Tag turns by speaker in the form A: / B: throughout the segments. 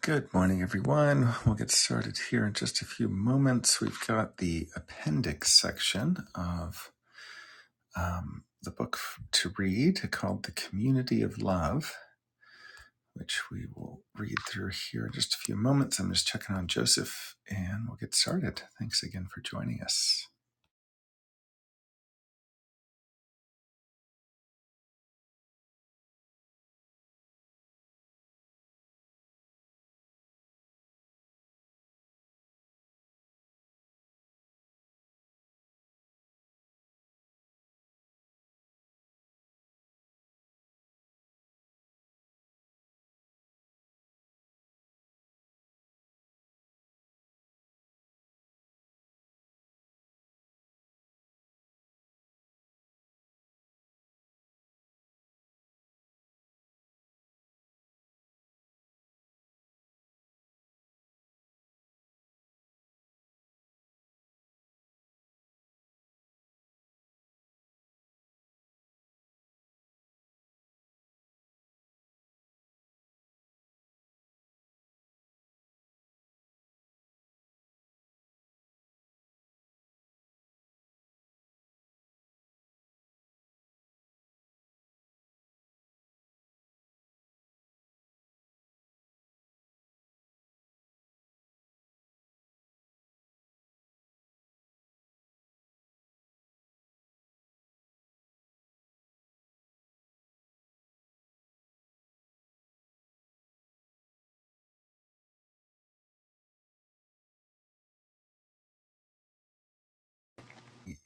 A: Good morning, everyone. We'll get started here in just a few moments. We've got the appendix section of um, the book to read called The Community of Love, which we will read through here in just a few moments. I'm just checking on Joseph and we'll get started. Thanks again for joining us.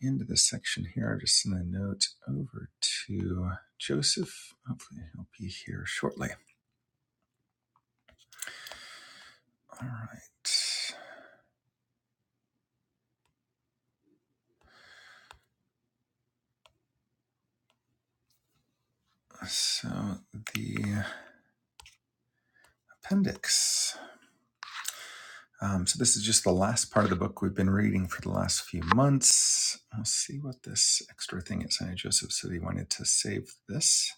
A: Into this section here, I'll just send a note over to Joseph. Hopefully, he'll be here shortly. All right. So, the appendix. Um, so this is just the last part of the book we've been reading for the last few months. We'll see what this extra thing is. I know Joseph said he wanted to save this,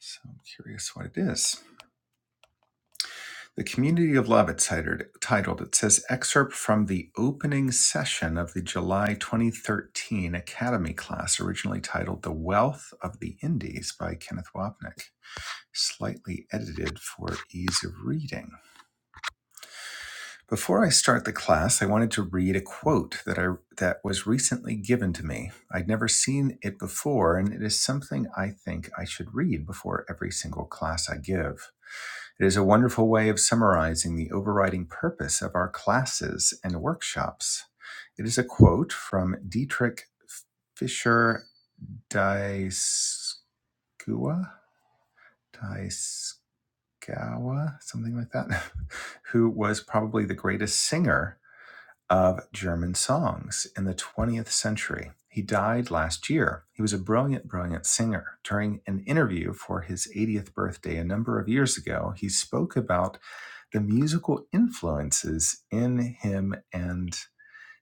A: so I'm curious what it is. The Community of Love. It's titled. Titled. It says excerpt from the opening session of the July 2013 Academy class, originally titled "The Wealth of the Indies" by Kenneth Wapnick, slightly edited for ease of reading. Before I start the class, I wanted to read a quote that I that was recently given to me. I'd never seen it before, and it is something I think I should read before every single class I give. It is a wonderful way of summarizing the overriding purpose of our classes and workshops. It is a quote from Dietrich Fischer dieskau Dieskau, something like that, who was probably the greatest singer of German songs in the 20th century. He died last year. He was a brilliant, brilliant singer. During an interview for his 80th birthday a number of years ago, he spoke about the musical influences in him and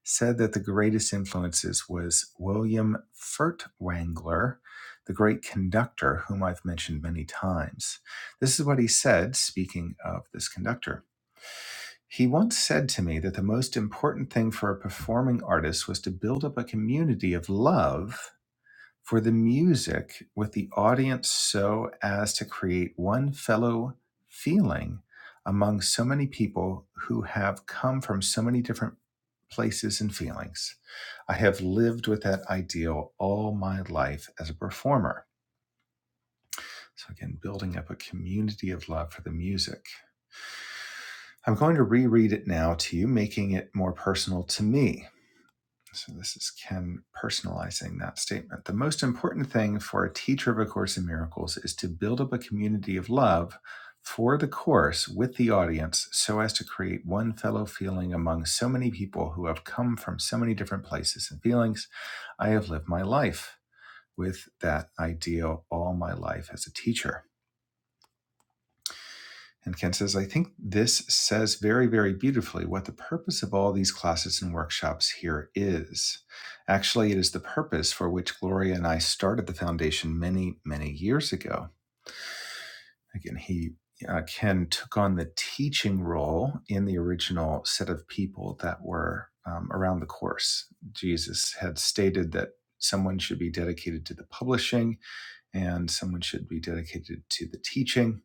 A: said that the greatest influences was William Furtwängler, the great conductor whom I've mentioned many times. This is what he said, speaking of this conductor. He once said to me that the most important thing for a performing artist was to build up a community of love for the music with the audience so as to create one fellow feeling among so many people who have come from so many different places and feelings. I have lived with that ideal all my life as a performer. So, again, building up a community of love for the music. I'm going to reread it now to you, making it more personal to me. So this is Ken personalizing that statement. The most important thing for a teacher of A Course in Miracles is to build up a community of love for the course with the audience so as to create one fellow feeling among so many people who have come from so many different places and feelings. I have lived my life with that ideal all my life as a teacher. And Ken says, I think this says very, very beautifully what the purpose of all these classes and workshops here is. Actually, it is the purpose for which Gloria and I started the foundation many, many years ago. Again, he uh, Ken took on the teaching role in the original set of people that were um, around the course. Jesus had stated that someone should be dedicated to the publishing and someone should be dedicated to the teaching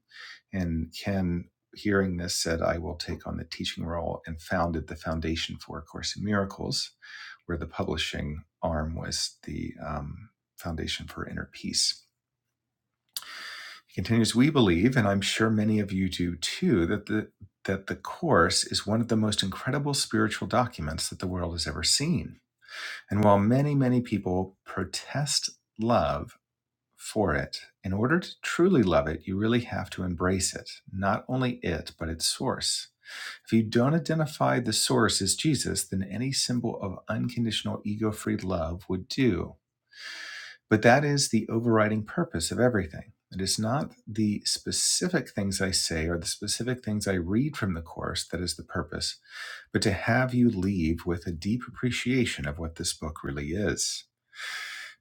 A: and Ken, hearing this, said, I will take on the teaching role and founded the Foundation for A Course in Miracles, where the publishing arm was the um, Foundation for Inner Peace. He continues, We believe, and I'm sure many of you do too, that the that the Course is one of the most incredible spiritual documents that the world has ever seen. And while many, many people protest love for it. In order to truly love it, you really have to embrace it, not only it, but its source. If you don't identify the source as Jesus, then any symbol of unconditional ego free love would do. But that is the overriding purpose of everything. It is not the specific things I say or the specific things I read from the Course that is the purpose, but to have you leave with a deep appreciation of what this book really is.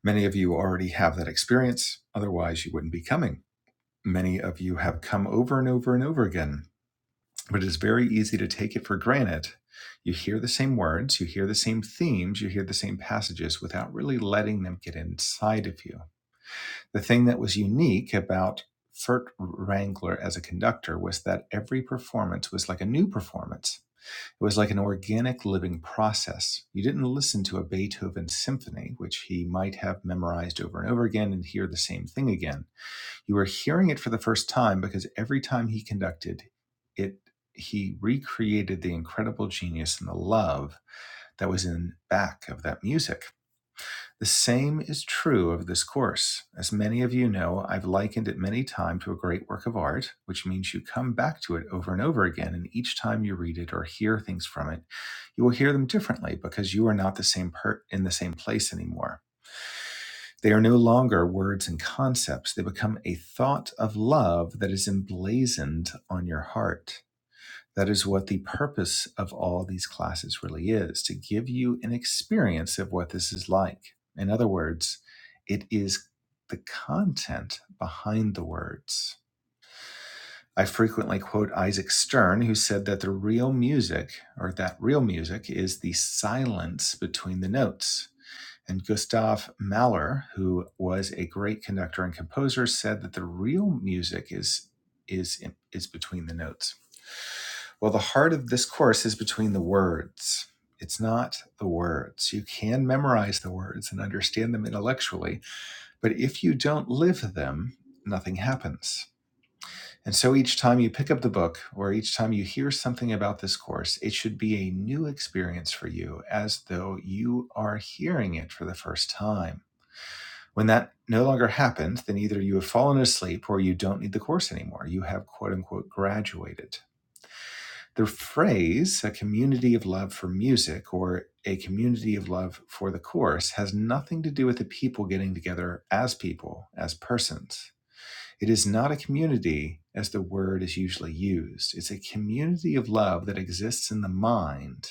A: Many of you already have that experience, otherwise, you wouldn't be coming. Many of you have come over and over and over again but it's very easy to take it for granted. You hear the same words, you hear the same themes, you hear the same passages without really letting them get inside of you. The thing that was unique about Fert Wrangler as a conductor was that every performance was like a new performance. It was like an organic living process. You didn't listen to a Beethoven symphony, which he might have memorized over and over again and hear the same thing again you are hearing it for the first time because every time he conducted it, he recreated the incredible genius and the love that was in back of that music. The same is true of this course. As many of you know, I've likened it many times to a great work of art, which means you come back to it over and over again, and each time you read it or hear things from it, you will hear them differently because you are not the same per- in the same place anymore. They are no longer words and concepts. They become a thought of love that is emblazoned on your heart. That is what the purpose of all these classes really is to give you an experience of what this is like. In other words, it is the content behind the words. I frequently quote Isaac Stern, who said that the real music, or that real music, is the silence between the notes and Gustav Mahler, who was a great conductor and composer, said that the real music is is is between the notes. Well, the heart of this course is between the words. It's not the words. You can memorize the words and understand them intellectually, but if you don't live them, nothing happens. And so each time you pick up the book or each time you hear something about this course, it should be a new experience for you as though you are hearing it for the first time. When that no longer happens, then either you have fallen asleep or you don't need the course anymore. You have quote unquote graduated. The phrase, a community of love for music or a community of love for the course, has nothing to do with the people getting together as people, as persons. It is not a community as the word is usually used. It's a community of love that exists in the mind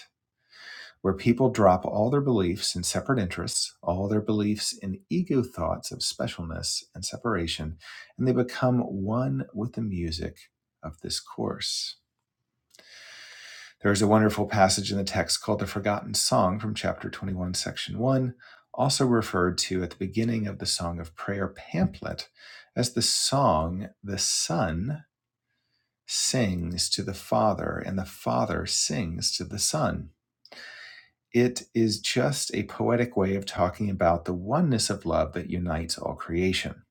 A: where people drop all their beliefs in separate interests, all their beliefs in ego thoughts of specialness and separation, and they become one with the music of this course. There is a wonderful passage in the text called the Forgotten Song from chapter 21, section 1, also referred to at the beginning of the Song of Prayer pamphlet as the song the Son sings to the Father and the Father sings to the Son. It is just a poetic way of talking about the oneness of love that unites all creation.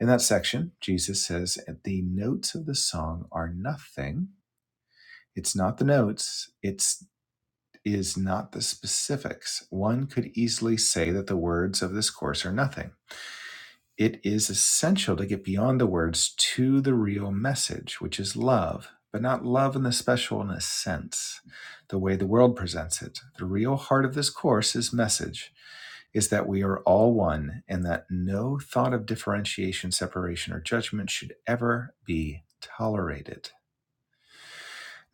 A: In that section, Jesus says, The notes of the song are nothing. It's not the notes, it's is not the specifics. One could easily say that the words of this course are nothing. It is essential to get beyond the words to the real message, which is love, but not love in the specialness sense, the way the world presents it. The real heart of this course is message is that we are all one and that no thought of differentiation, separation, or judgment should ever be tolerated.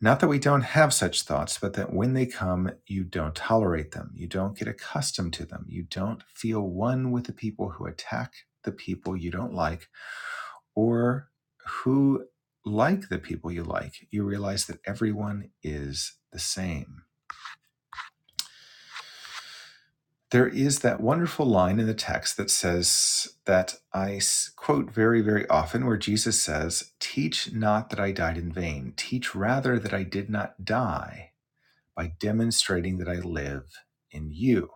A: Not that we don't have such thoughts, but that when they come, you don't tolerate them. You don't get accustomed to them. You don't feel one with the people who attack the people you don't like or who like the people you like, you realize that everyone is the same. There is that wonderful line in the text that says, that I quote very, very often, where Jesus says, Teach not that I died in vain. Teach rather that I did not die by demonstrating that I live in you.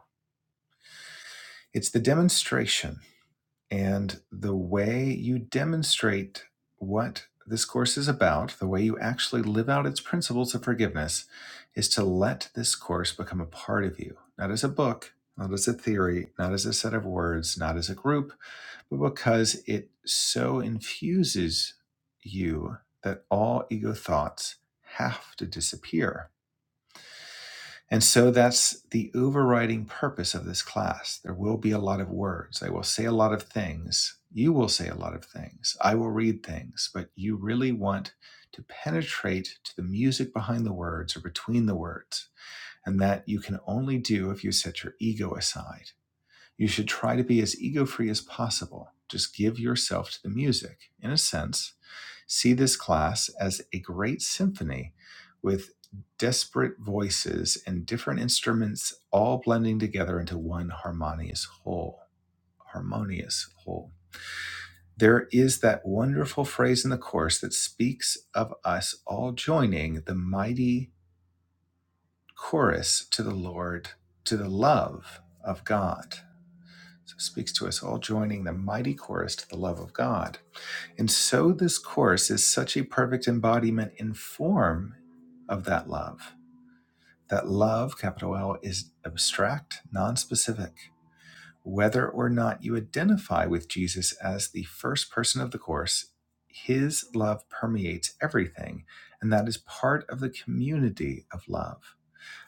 A: It's the demonstration And the way you demonstrate what this course is about, the way you actually live out its principles of forgiveness, is to let this course become a part of you, not as a book, not as a theory, not as a set of words, not as a group, but because it so infuses you that all ego thoughts have to disappear and so that's the overriding purpose of this class. There will be a lot of words. I will say a lot of things. You will say a lot of things. I will read things, but you really want to penetrate to the music behind the words or between the words. And that you can only do if you set your ego aside. You should try to be as ego free as possible. Just give yourself to the music, in a sense See this class as a great symphony with disparate voices and different instruments all blending together into one harmonious whole. Harmonious whole. There is that wonderful phrase in the chorus that speaks of us all joining the mighty chorus to the Lord, to the love of God. So it speaks to us all joining the mighty chorus to the love of God And so this course is such a perfect embodiment in form of that love. That love, capital L, is abstract, non-specific. Whether or not you identify with Jesus as the first person of the course, his love permeates everything. And that is part of the community of love.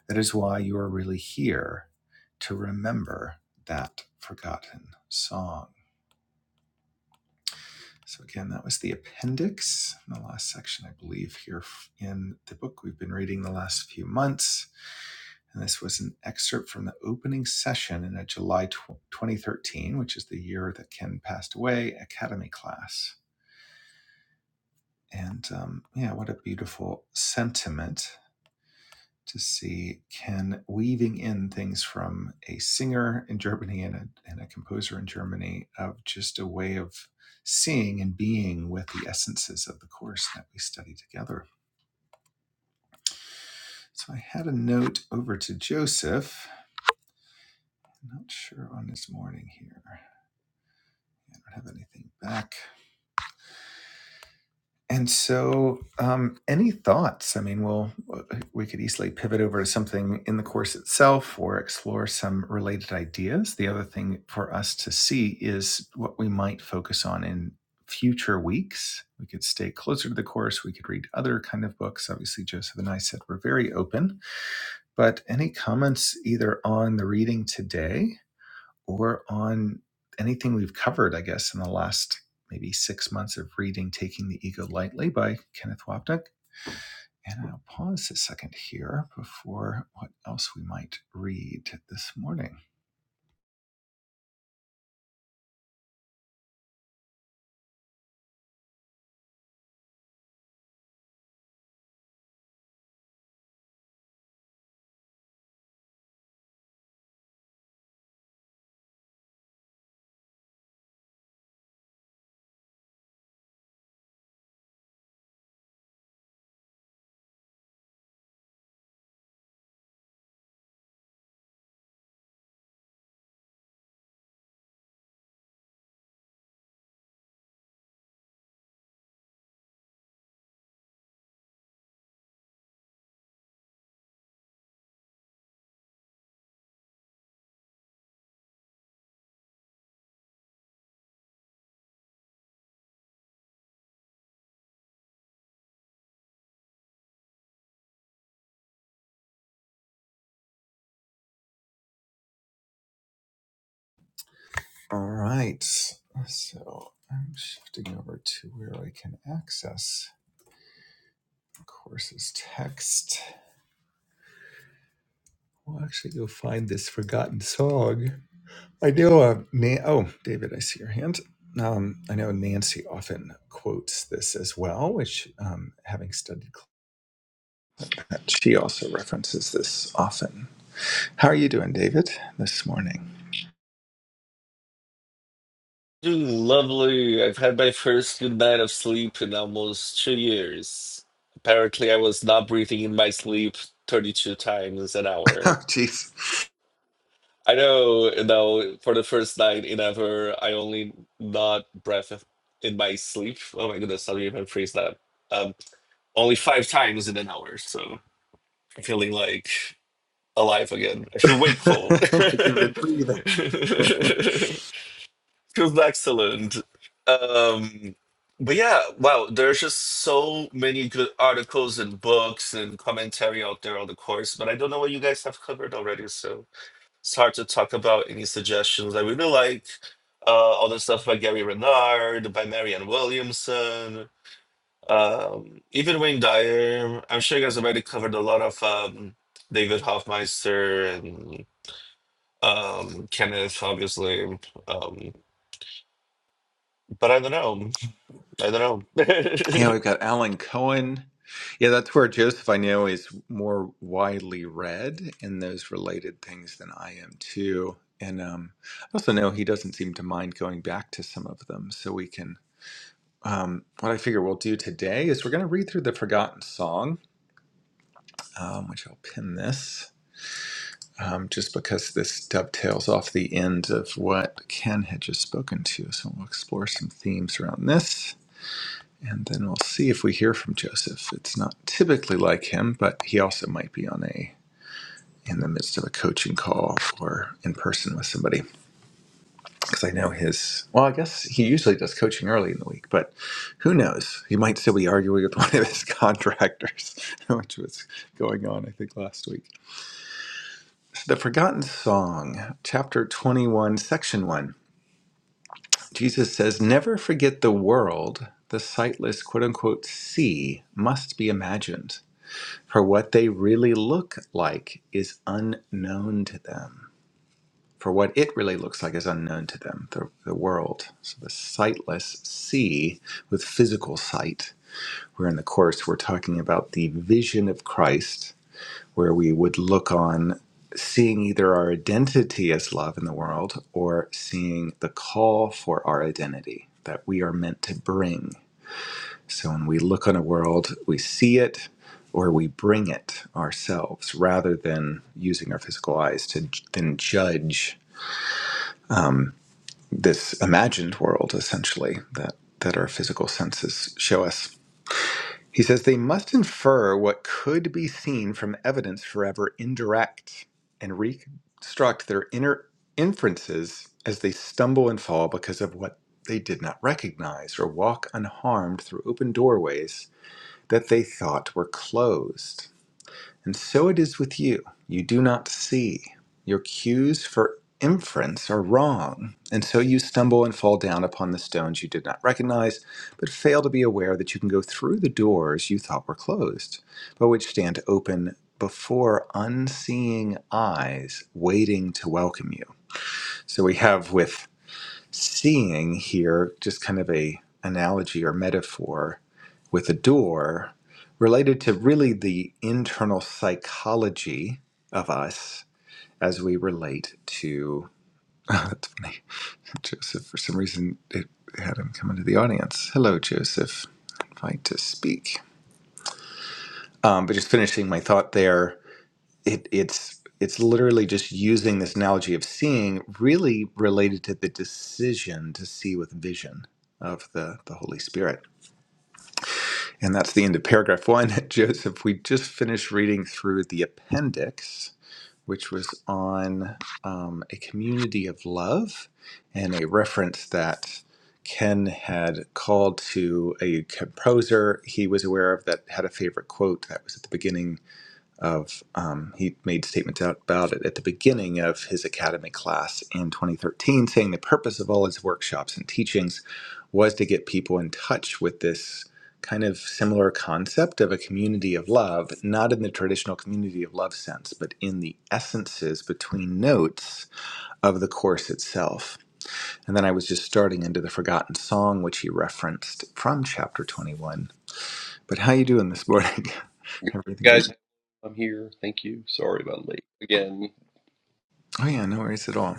A: That is why you are really here to remember that forgotten song. So again, that was the appendix, the last section, I believe, here in the book we've been reading the last few months. And this was an excerpt from the opening session in a July 2013, which is the year that Ken passed away, Academy class. And um, yeah, what a beautiful sentiment to see can weaving in things from a singer in Germany and a, and a composer in Germany of just a way of seeing and being with the essences of the course that we study together. So I had a note over to Joseph. I'm Not sure on this morning here. I don't have anything back. And so, um, any thoughts? I mean, we'll uh, we could easily pivot over to something in the course itself, or explore some related ideas. The other thing for us to see is what we might focus on in future weeks. We could stay closer to the course. We could read other kind of books. Obviously, Joseph and I said we're very open. But any comments either on the reading today or on anything we've covered, I guess, in the last maybe six months of reading Taking the Ego Lightly by Kenneth Wapnick. And I'll pause a second here before what else we might read this morning. All right. So I'm shifting over to where I can access courses text. We'll actually go find this forgotten song I know, uh, Na- oh, David, I see your hand. Um, I know Nancy often quotes this as well, which, um, having studied, climate, she also references this often. How are you doing, David, this morning?
B: Lovely. I've had my first good night of sleep in almost two years. Apparently, I was not breathing in my sleep 32 times an
A: Oh,
B: hour.
A: jeez.
B: I know, you know, for the first night in ever, I only not breath in my sleep. Oh my goodness, how do you even phrase that? Um, only five times in an hour. So I'm feeling like alive again. I feel wakeful.
A: like you've been breathing.
B: It was excellent. Um, but yeah, wow, there's just so many good articles and books and commentary out there on the course, but I don't know what you guys have covered already, so it's hard to talk about any suggestions. I really like uh, all the stuff by Gary Renard, by Marianne Williamson, um, even Wayne Dyer. I'm sure you guys already covered a lot of um, David Hoffmeister and um, Kenneth, obviously. Um, but I don't know. I don't know.
A: yeah, we've got Alan Cohen. Yeah, that's where Joseph, I know, is more widely read in those related things than I am, too. And um, I also know he doesn't seem to mind going back to some of them, so we can um, what I figure we'll do today is we're going to read through the Forgotten Song, um, which I'll pin this um, just because this dovetails off the end of what Ken had just spoken to. So we'll explore some themes around this. And then we'll see if we hear from Joseph. It's not typically like him, but he also might be on a in the midst of a coaching call or in person with somebody. because I know his. Well, I guess he usually does coaching early in the week, but who knows? He might still be arguing with one of his contractors, which was going on, I think, last week. The Forgotten Song, chapter 21, section 1. Jesus says, Never forget the world, the sightless quote unquote sea must be imagined, for what they really look like is unknown to them. for what it really looks like is unknown to them, the, the world. So the sightless see with physical sight, where in the Course we're talking about the vision of Christ, where we would look on seeing either our identity as love in the world or seeing the call for our identity that we are meant to bring. So when we look on a world, we see it or we bring it ourselves rather than using our physical eyes to j- then judge this imagined world, essentially, that, that our physical senses show us. He says they must infer what could be seen from evidence forever indirect and reconstruct their inner inferences as they stumble and fall because of what they did not recognize or walk unharmed through open doorways that they thought were closed. And so it is with you. You do not see. Your cues for inference are wrong. And so you stumble and fall down upon the stones you did not recognize, but fail to be aware that you can go through the doors you thought were closed, but which stand open before unseeing eyes waiting to welcome you. So we have with seeing here just kind of a analogy or metaphor with a door related to really the internal psychology of us as we relate to. oh, That's funny. Joseph, for some reason, it had him come into the audience. Hello, Joseph. Invite to speak. Um, but just finishing my thought there, it, it's it's literally just using this analogy of seeing, really related to the decision to see with vision of the the Holy Spirit And that's the end of paragraph one. Joseph, we just finished reading through the appendix, which was on um, a community of love and a reference that Ken had called to a composer he was aware of that had a favorite quote that was at the beginning of um, he made statements out about it at the beginning of his academy class in 2013 saying the purpose of all his workshops and teachings was to get people in touch with this kind of similar concept of a community of love not in the traditional community of love sense but in the essences between notes of the course itself and then i was just starting into the forgotten song which he referenced from chapter 21 but how you doing this morning
C: Good
A: everything
C: morning,
A: good
C: guys. I'm here. Thank you. Sorry about late again.
A: oh yeah no worries at all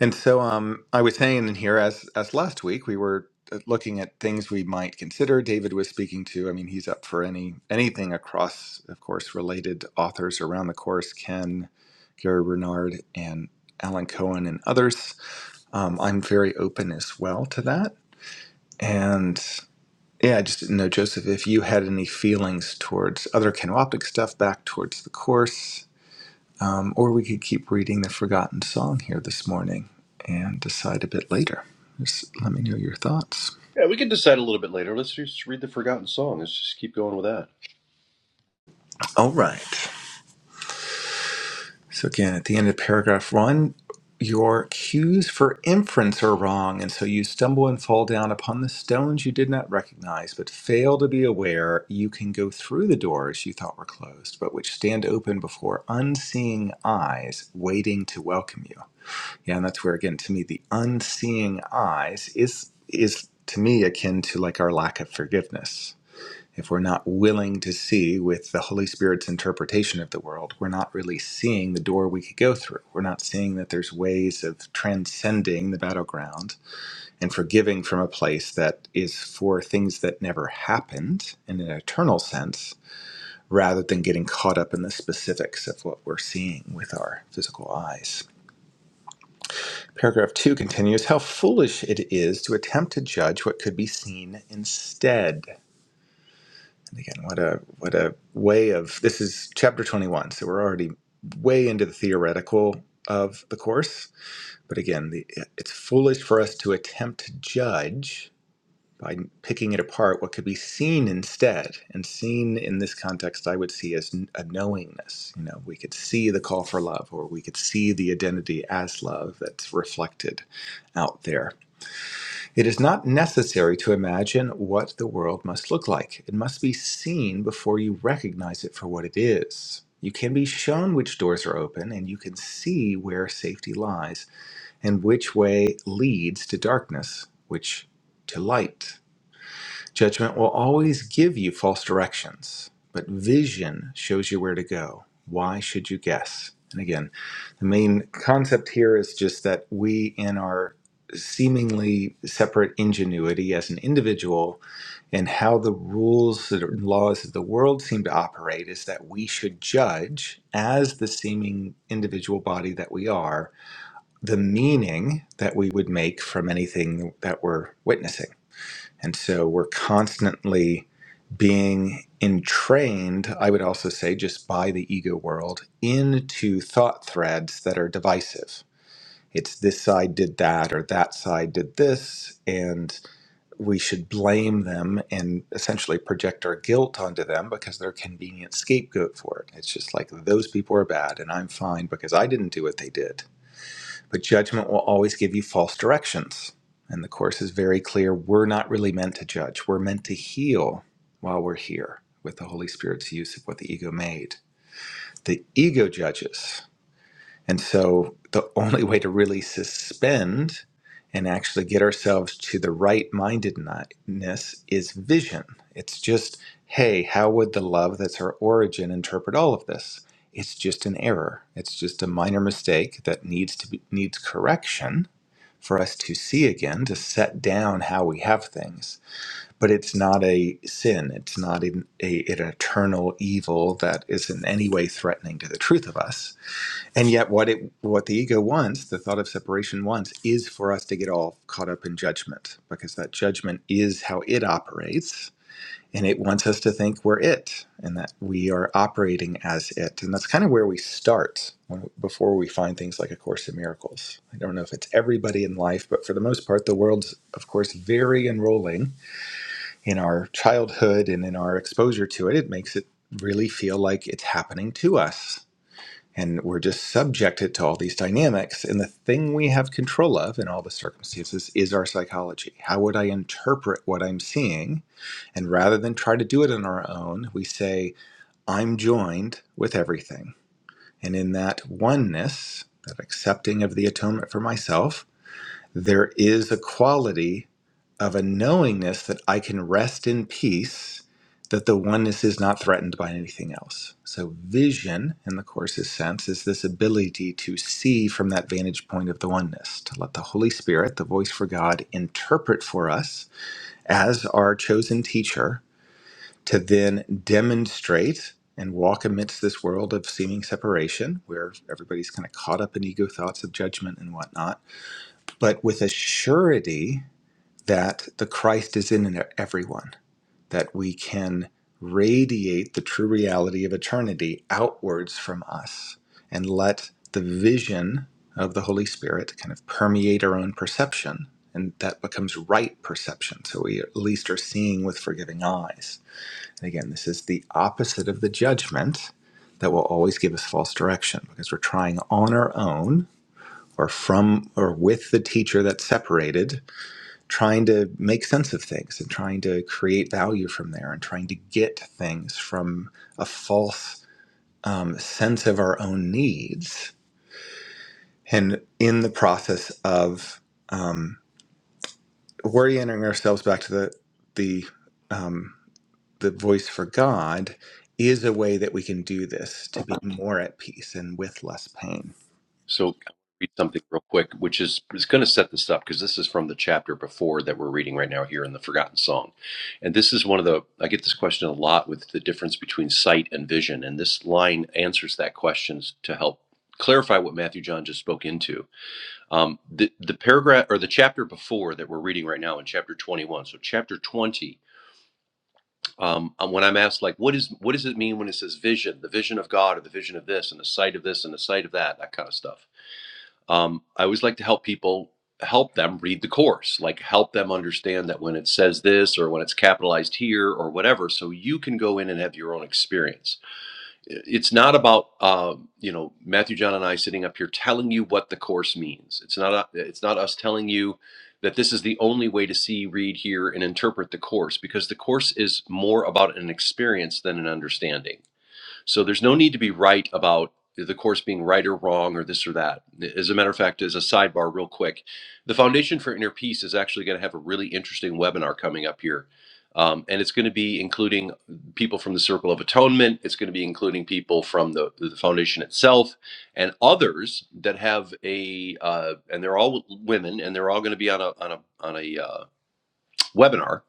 A: And so um, I was saying in here, as as last week, we were uh, looking at things we might consider. David was speaking to. I mean, he's up for any anything across, of course, related authors around the course. Ken, Gary Bernard, and Alan Cohen, and others. Um, I'm very open as well to that. And yeah, I just didn't know, Joseph, if you had any feelings towards other canoptic stuff, back towards the course um, or we could keep reading the forgotten song here this morning and decide a bit later. Just let me know your thoughts.
C: Yeah, we can decide a little bit later. Let's just read the forgotten song. Let's just keep going with that.
A: All right. So, again, at the end of paragraph one, your cues for inference are wrong, and so you stumble and fall down upon the stones you did not recognize, but fail to be aware you can go through the doors you thought were closed, but which stand open before unseeing eyes waiting to welcome you. Yeah, and that's where again to me the unseeing eyes is is to me akin to like our lack of forgiveness. If we're not willing to see with the Holy Spirit's interpretation of the world, we're not really seeing the door we could go through. We're not seeing that there's ways of transcending the battleground and forgiving from a place that is for things that never happened in an eternal sense, rather than getting caught up in the specifics of what we're seeing with our physical eyes. Paragraph 2 continues How foolish it is to attempt to judge what could be seen instead. And again, what a what a way of this is chapter 21, so we're already way into the theoretical of the course, but again, the, it's foolish for us to attempt to judge by picking it apart what could be seen instead. And seen in this context I would see as a knowingness, you know, we could see the call for love or we could see the identity as love that's reflected out there it is not necessary to imagine what the world must look like. It must be seen before you recognize it for what it is. You can be shown which doors are open, and you can see where safety lies and which way leads to darkness, which to light. Judgment will always give you false directions, but vision shows you where to go. Why should you guess? And again, the main concept here is just that we, in our seemingly separate ingenuity as an individual, and how the rules and laws of the world seem to operate, is that we should judge as the seeming individual body that we are the meaning that we would make from anything that we're witnessing and so we're constantly being entrained, I would also say, just by the ego world into thought threads that are divisive. It's this side did that or that side did this, and we should blame them and essentially project our guilt onto them because they're a convenient scapegoat for it. It's just like those people are bad and I'm fine because I didn't do what they did but judgment will always give you false directions. And the Course is very clear we're not really meant to judge, we're meant to heal while we're here with the Holy Spirit's use of what the ego made. The ego judges. And so the only way to really suspend and actually get ourselves to the right mindedness is vision. It's just, hey, how would the love that's our origin interpret all of this? It's just an error. It's just a minor mistake that needs to be, needs correction for us to see again, to set down how we have things. But it's not a sin. It's not an, a, an eternal evil that is in any way threatening to the truth of us. And yet, what it what the ego wants, the thought of separation wants, is for us to get all caught up in judgment, because that judgment is how it operates and it wants us to think we're it and that we are operating as it and that's kind of where we start when, before we find things like a course in miracles i don't know if it's everybody in life but for the most part the world's of course very enrolling in our childhood and in our exposure to it it makes it really feel like it's happening to us and we're just subjected to all these dynamics and the thing we have control of in all the circumstances is our psychology how would i interpret what i'm seeing and rather than try to do it on our own, we say, I'm joined with everything. And in that oneness, that accepting of the atonement for myself, there is a quality of a knowingness that I can rest in peace, that the oneness is not threatened by anything else. So, vision, in the Course's sense, is this ability to see from that vantage point of the oneness, to let the Holy Spirit, the voice for God, interpret for us as our chosen teacher to then demonstrate and walk amidst this world of seeming separation where everybody's kind of caught up in ego thoughts of judgment and whatnot, but with a surety that the Christ is in everyone, that we can radiate the true reality of eternity outwards from us and let the vision of the Holy Spirit kind of permeate our own perception. And that becomes right perception. So we at least are seeing with forgiving eyes Again, this is the opposite of the judgment that will always give us false direction because we're trying on our own or from or with the teacher that's separated, trying to make sense of things and trying to create value from there and trying to get things from a false um, sense of our own needs. And in the process of um, orienting ourselves back to the, the um, the voice for God is a way that we can do this to be more at peace and with less pain.
C: So, I'll read something real quick, which is is going to set this up because this is from the chapter before that we're reading right now here in the forgotten song, and this is one of the I get this question a lot with the difference between sight and vision, and this line answers that question to help clarify what Matthew John just spoke into. Um, the the paragraph or the chapter before that we're reading right now in chapter 21. So chapter 20 um, and when I'm asked, like, what is what does it mean when it says vision, the vision of God, or the vision of this, and the sight of this, and the sight of that, that kind of stuff. Um, I always like to help people, help them read the course, like help them understand that when it says this, or when it's capitalized here, or whatever, so you can go in and have your own experience it's not about uh, you know Matthew John and I sitting up here telling you what the course means. It's not a, it's not us telling you that this is the only way to see, read, hear, and interpret the course because the course is more about an experience than an understanding. So there's no need to be right about the course being right or wrong or this or that. As a matter of fact, as a sidebar, real quick, the Foundation for Inner Peace is actually going to have a really interesting webinar coming up here. Um, and it's going to be including people from the Circle of Atonement. It's going to be including people from the, the foundation itself and others that have a, uh, and they're all women and they're all going to be on a, on a, on a uh, webinar.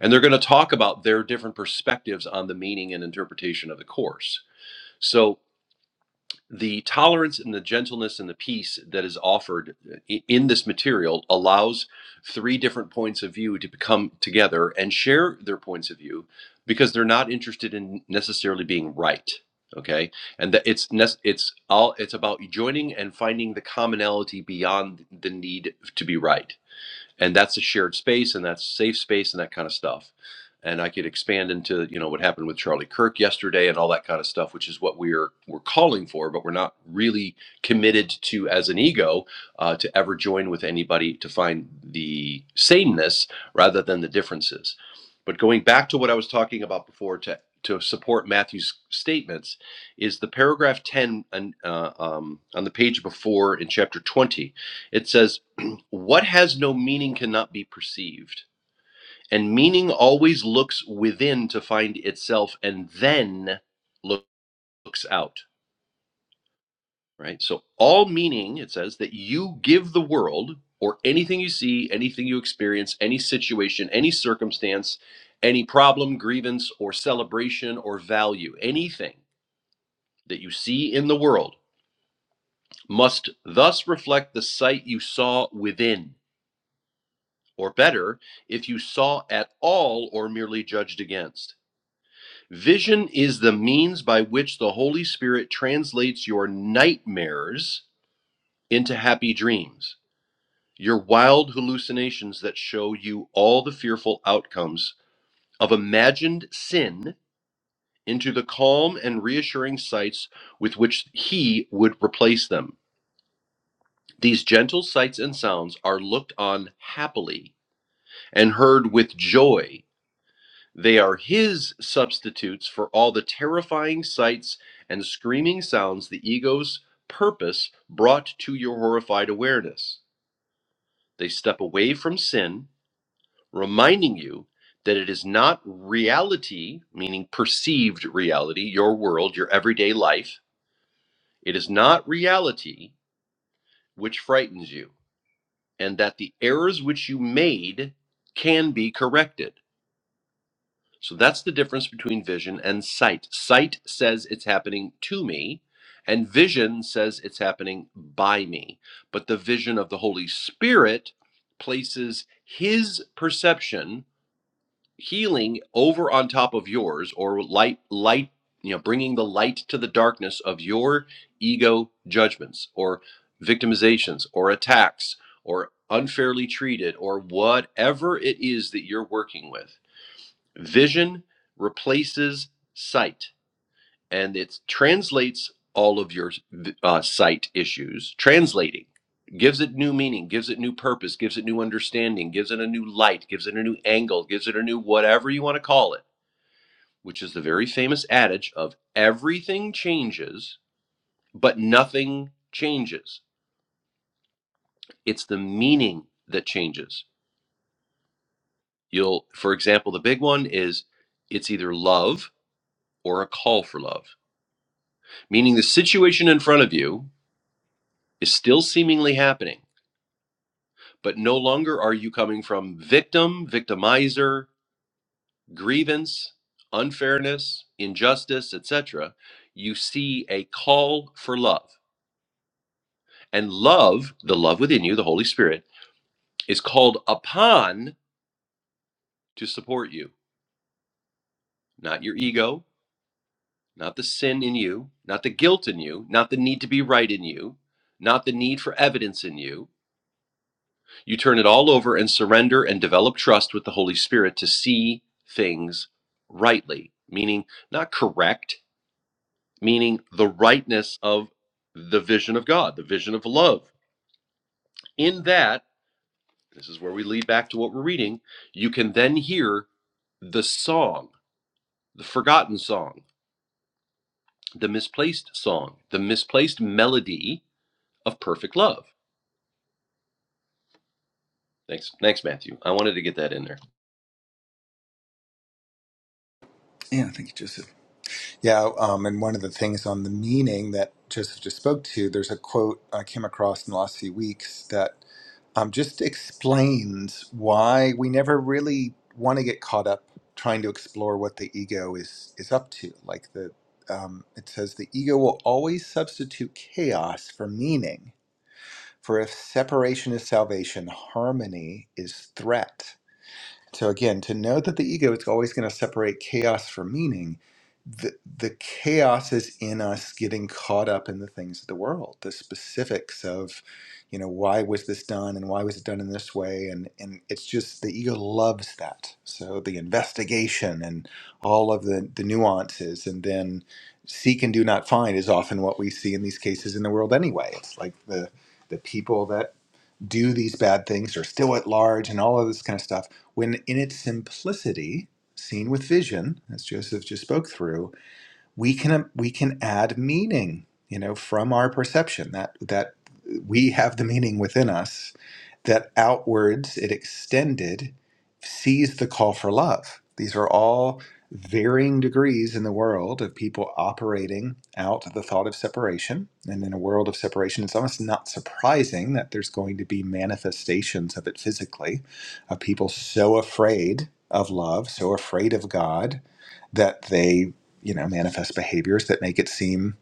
C: And they're going to talk about their different perspectives on the meaning and interpretation of the course so the tolerance and the gentleness and the peace that is offered in this material allows three different points of view to come together and share their points of view because they're not interested in necessarily being right okay and that it's it's all it's about joining and finding the commonality beyond the need to be right and that's a shared space and that's safe space and that kind of stuff and i could expand into you know what happened with charlie kirk yesterday and all that kind of stuff which is what we're we're calling for but we're not really committed to as an ego uh, to ever join with anybody to find the sameness rather than the differences but going back to what i was talking about before to to support matthew's statements is the paragraph 10 on, uh, um, on the page before in chapter 20 it says what has no meaning cannot be perceived. And meaning always looks within to find itself and then looks out, right? So, all meaning, it says, that you give the world or anything you see, anything you experience, any situation, any circumstance, any problem, grievance, or celebration or value, anything that you see in the world must thus reflect the sight you saw within or better, if you saw at all or merely judged against. Vision is the means by which the Holy Spirit translates your nightmares into happy dreams, your wild hallucinations that show you all the fearful outcomes of imagined sin into the calm and reassuring sights with which He would replace them. These gentle sights and sounds are looked on happily and heard with joy They are his substitutes for all the terrifying sights and screaming sounds the ego's purpose brought to your horrified awareness. They step away from sin, reminding you that it is not reality, meaning perceived reality, your world, your everyday life. It is not reality which frightens you, and that the errors which you made can be corrected So that's the difference between vision and sight. Sight says it's happening to me, and vision says it's happening by me. But the vision of the Holy Spirit places his perception, healing over on top of yours, or light, light, you know, bringing the light to the darkness of your ego judgments, or victimizations, or attacks, or unfairly treated, or whatever it is that you're working with Vision replaces sight and it translates all of your uh, sight issues, translating, gives it new meaning, gives it new purpose, gives it new understanding, gives it a new light, gives it a new angle, gives it a new whatever you want to call it, which is the very famous adage of everything changes, but nothing changes. It's the meaning that changes. You'll, for example, the big one is it's either love or a call for love meaning the situation in front of you is still seemingly happening, but no longer are you coming from victim, victimizer, grievance, unfairness, injustice, etc. You see a call for love. And love, the love within you, the Holy Spirit, is called upon to support you, not your ego, not the sin in you, not the guilt in you, not the need to be right in you, not the need for evidence in you, You turn it all over and surrender and develop trust with the Holy Spirit to see things rightly, meaning not correct, meaning the rightness of the vision of God, the vision of love. In that, this is where we lead back to what we're reading, you can then hear the song, the forgotten song, the misplaced song, the misplaced melody of perfect love. Thanks, thanks, Matthew. I wanted to get that in there.
A: Yeah, thank you, Joseph. Yeah, um, and one of the things on the meaning that Joseph just spoke to, there's a quote I came across in the last few weeks that um, just explains why we never really want to get caught up trying to explore what the ego is is up to. Like the um, it says, the ego will always substitute chaos for meaning For if separation is salvation, harmony is threat. So again, to know that the ego is always going to separate chaos from meaning, the, the chaos is in us getting caught up in the things of the world, the specifics of, you know, why was this done and why was it done in this way, and and it's just the ego loves that. So the investigation and all of the the nuances, and then seek and do not find is often what we see in these cases in the world anyway. It's like the the people that do these bad things are still at large and all of this kind of stuff when in its simplicity seen with vision as joseph just spoke through we can um, we can add meaning you know from our perception that that we have the meaning within us that outwards it extended sees the call for love these are all varying degrees in the world of people operating out the thought of separation and in a world of separation it's almost not surprising that there's going to be manifestations of it physically of people so afraid of love so afraid of god that they you know, manifest behaviors that make it seem,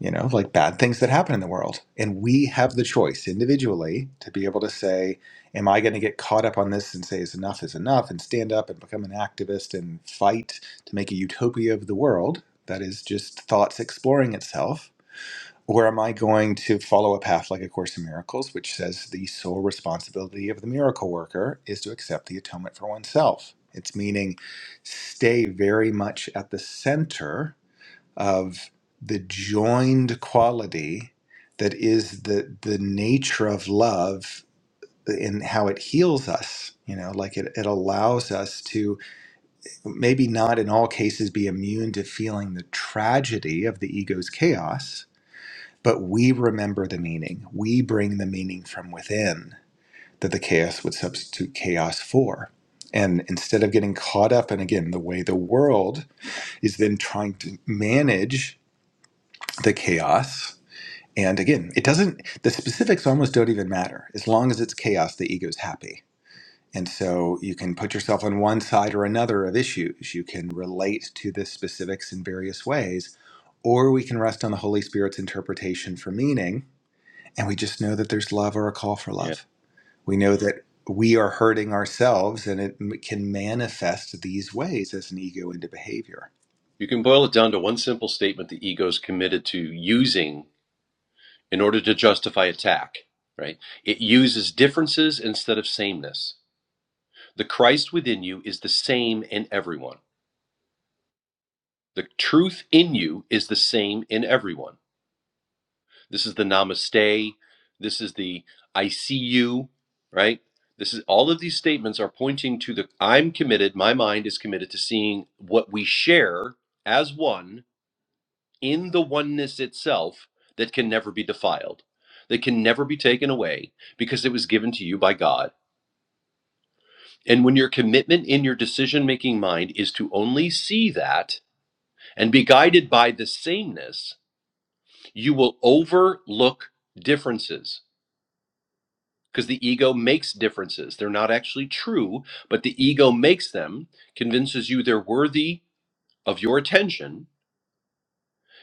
A: you know, like bad things that happen in the world. And we have the choice individually to be able to say, am I going to get caught up on this and say, is enough is enough and stand up and become an activist and fight to make a utopia of the world that is just thoughts exploring itself? Or am I going to follow a path like A Course in Miracles, which says the sole responsibility of the miracle worker is to accept the atonement for oneself? It's meaning stay very much at the center of the joined quality that is the the nature of love and how it heals us you know like it, it allows us to maybe not in all cases be immune to feeling the tragedy of the ego's chaos but we remember the meaning we bring the meaning from within that the chaos would substitute chaos for and instead of getting caught up in again the way the world is then trying to manage the chaos And again, it doesn't, the specifics almost don't even matter. As long as it's chaos, the ego's happy. And so you can put yourself on one side or another of issues. You can relate to the specifics in various ways, or we can rest on the Holy Spirit's interpretation for meaning. And we just know that there's love or a call for
C: Yeah.
A: love. We know that we are hurting ourselves and it m- can manifest these ways as an ego into behavior.
C: You can boil it down to one simple statement the ego is committed to using in order to justify attack, right? It uses differences instead of sameness. The Christ within you is the same in everyone. The truth in you is the same in everyone. This is the namaste. This is the I see you, right? This is all of these statements are pointing to the I'm committed, my mind is committed to seeing what we share as one in the oneness itself that can never be defiled, that can never be taken away because it was given to you by God. And when your commitment in your decision making mind is to only see that and be guided by the sameness, you will overlook differences because the ego makes differences. They're not actually true, but the ego makes them, convinces you they're worthy of your attention,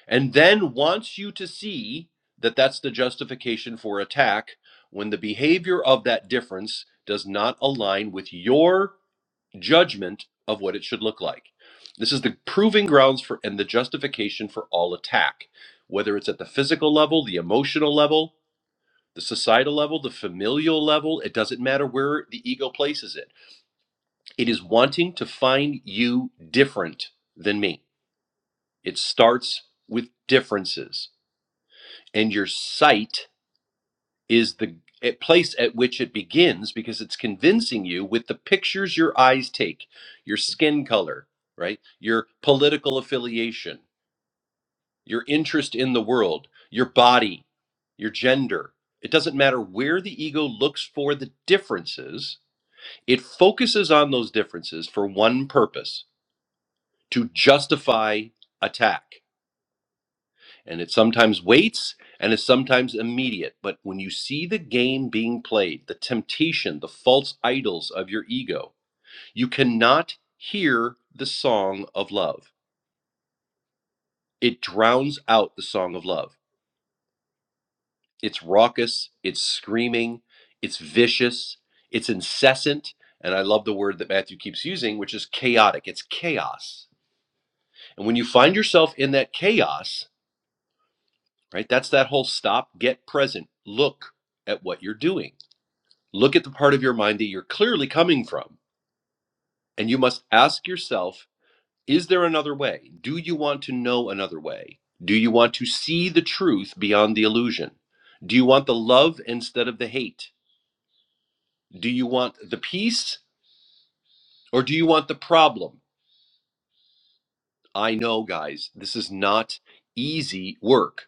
C: and then wants you to see that that's the justification for attack when the behavior of that difference does not align with your judgment of what it should look like. This is the proving grounds for and the justification for all attack, whether it's at the physical level, the emotional level, the societal level, the familial level, it doesn't matter where the ego places it. It is wanting to find you different than me. It starts with differences. and your sight is the place at which it begins because it's convincing you with the pictures your eyes take your skin color right your political affiliation your interest in the world your body your gender it doesn't matter where the ego looks for the differences it focuses on those differences for one purpose to justify attack and it sometimes waits and it's sometimes immediate. But when you see the game being played, the temptation, the false idols of your ego, you cannot hear the song of love. It drowns out the song of love. It's raucous, it's screaming, it's vicious, it's incessant. And I love the word that Matthew keeps using, which is chaotic. It's chaos. And when you find yourself in that chaos, right, that's that whole stop, get present, look at what you're doing Look at the part of your mind that you're clearly coming from, and you must ask yourself is there another way? Do you want to know another way? Do you want to see the truth beyond the illusion? Do you want the love instead of the hate? Do you want the peace or do you want the problem? I know, guys, this is not easy work.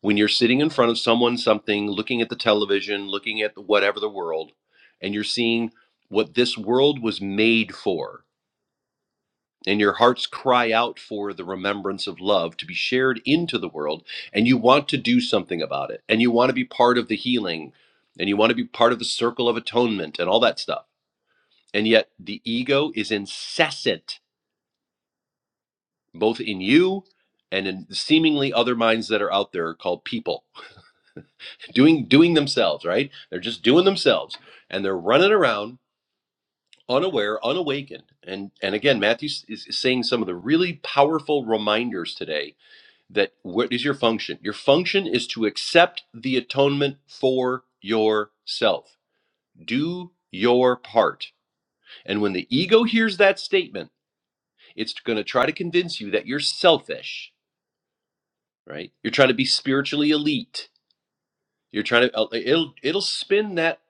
C: When you're sitting in front of someone, something, looking at the television, looking at the whatever the world, and you're seeing what this world was made for and your hearts cry out for the remembrance of love to be shared into the world and you want to do something about it and you want to be part of the healing and you want to be part of the circle of atonement and all that stuff and yet the ego is incessant both in you and in seemingly other minds that are out there called people doing doing themselves right they're just doing themselves and they're running around unaware unawakened and and again matthew is is saying some of the really powerful reminders today that what is your function? Your function is to accept the atonement for yourself. Do your part. And when the ego hears that statement, it's going to try to convince you that you're selfish, right? You're trying to be spiritually elite. You're trying to uh, it'll it'll spin that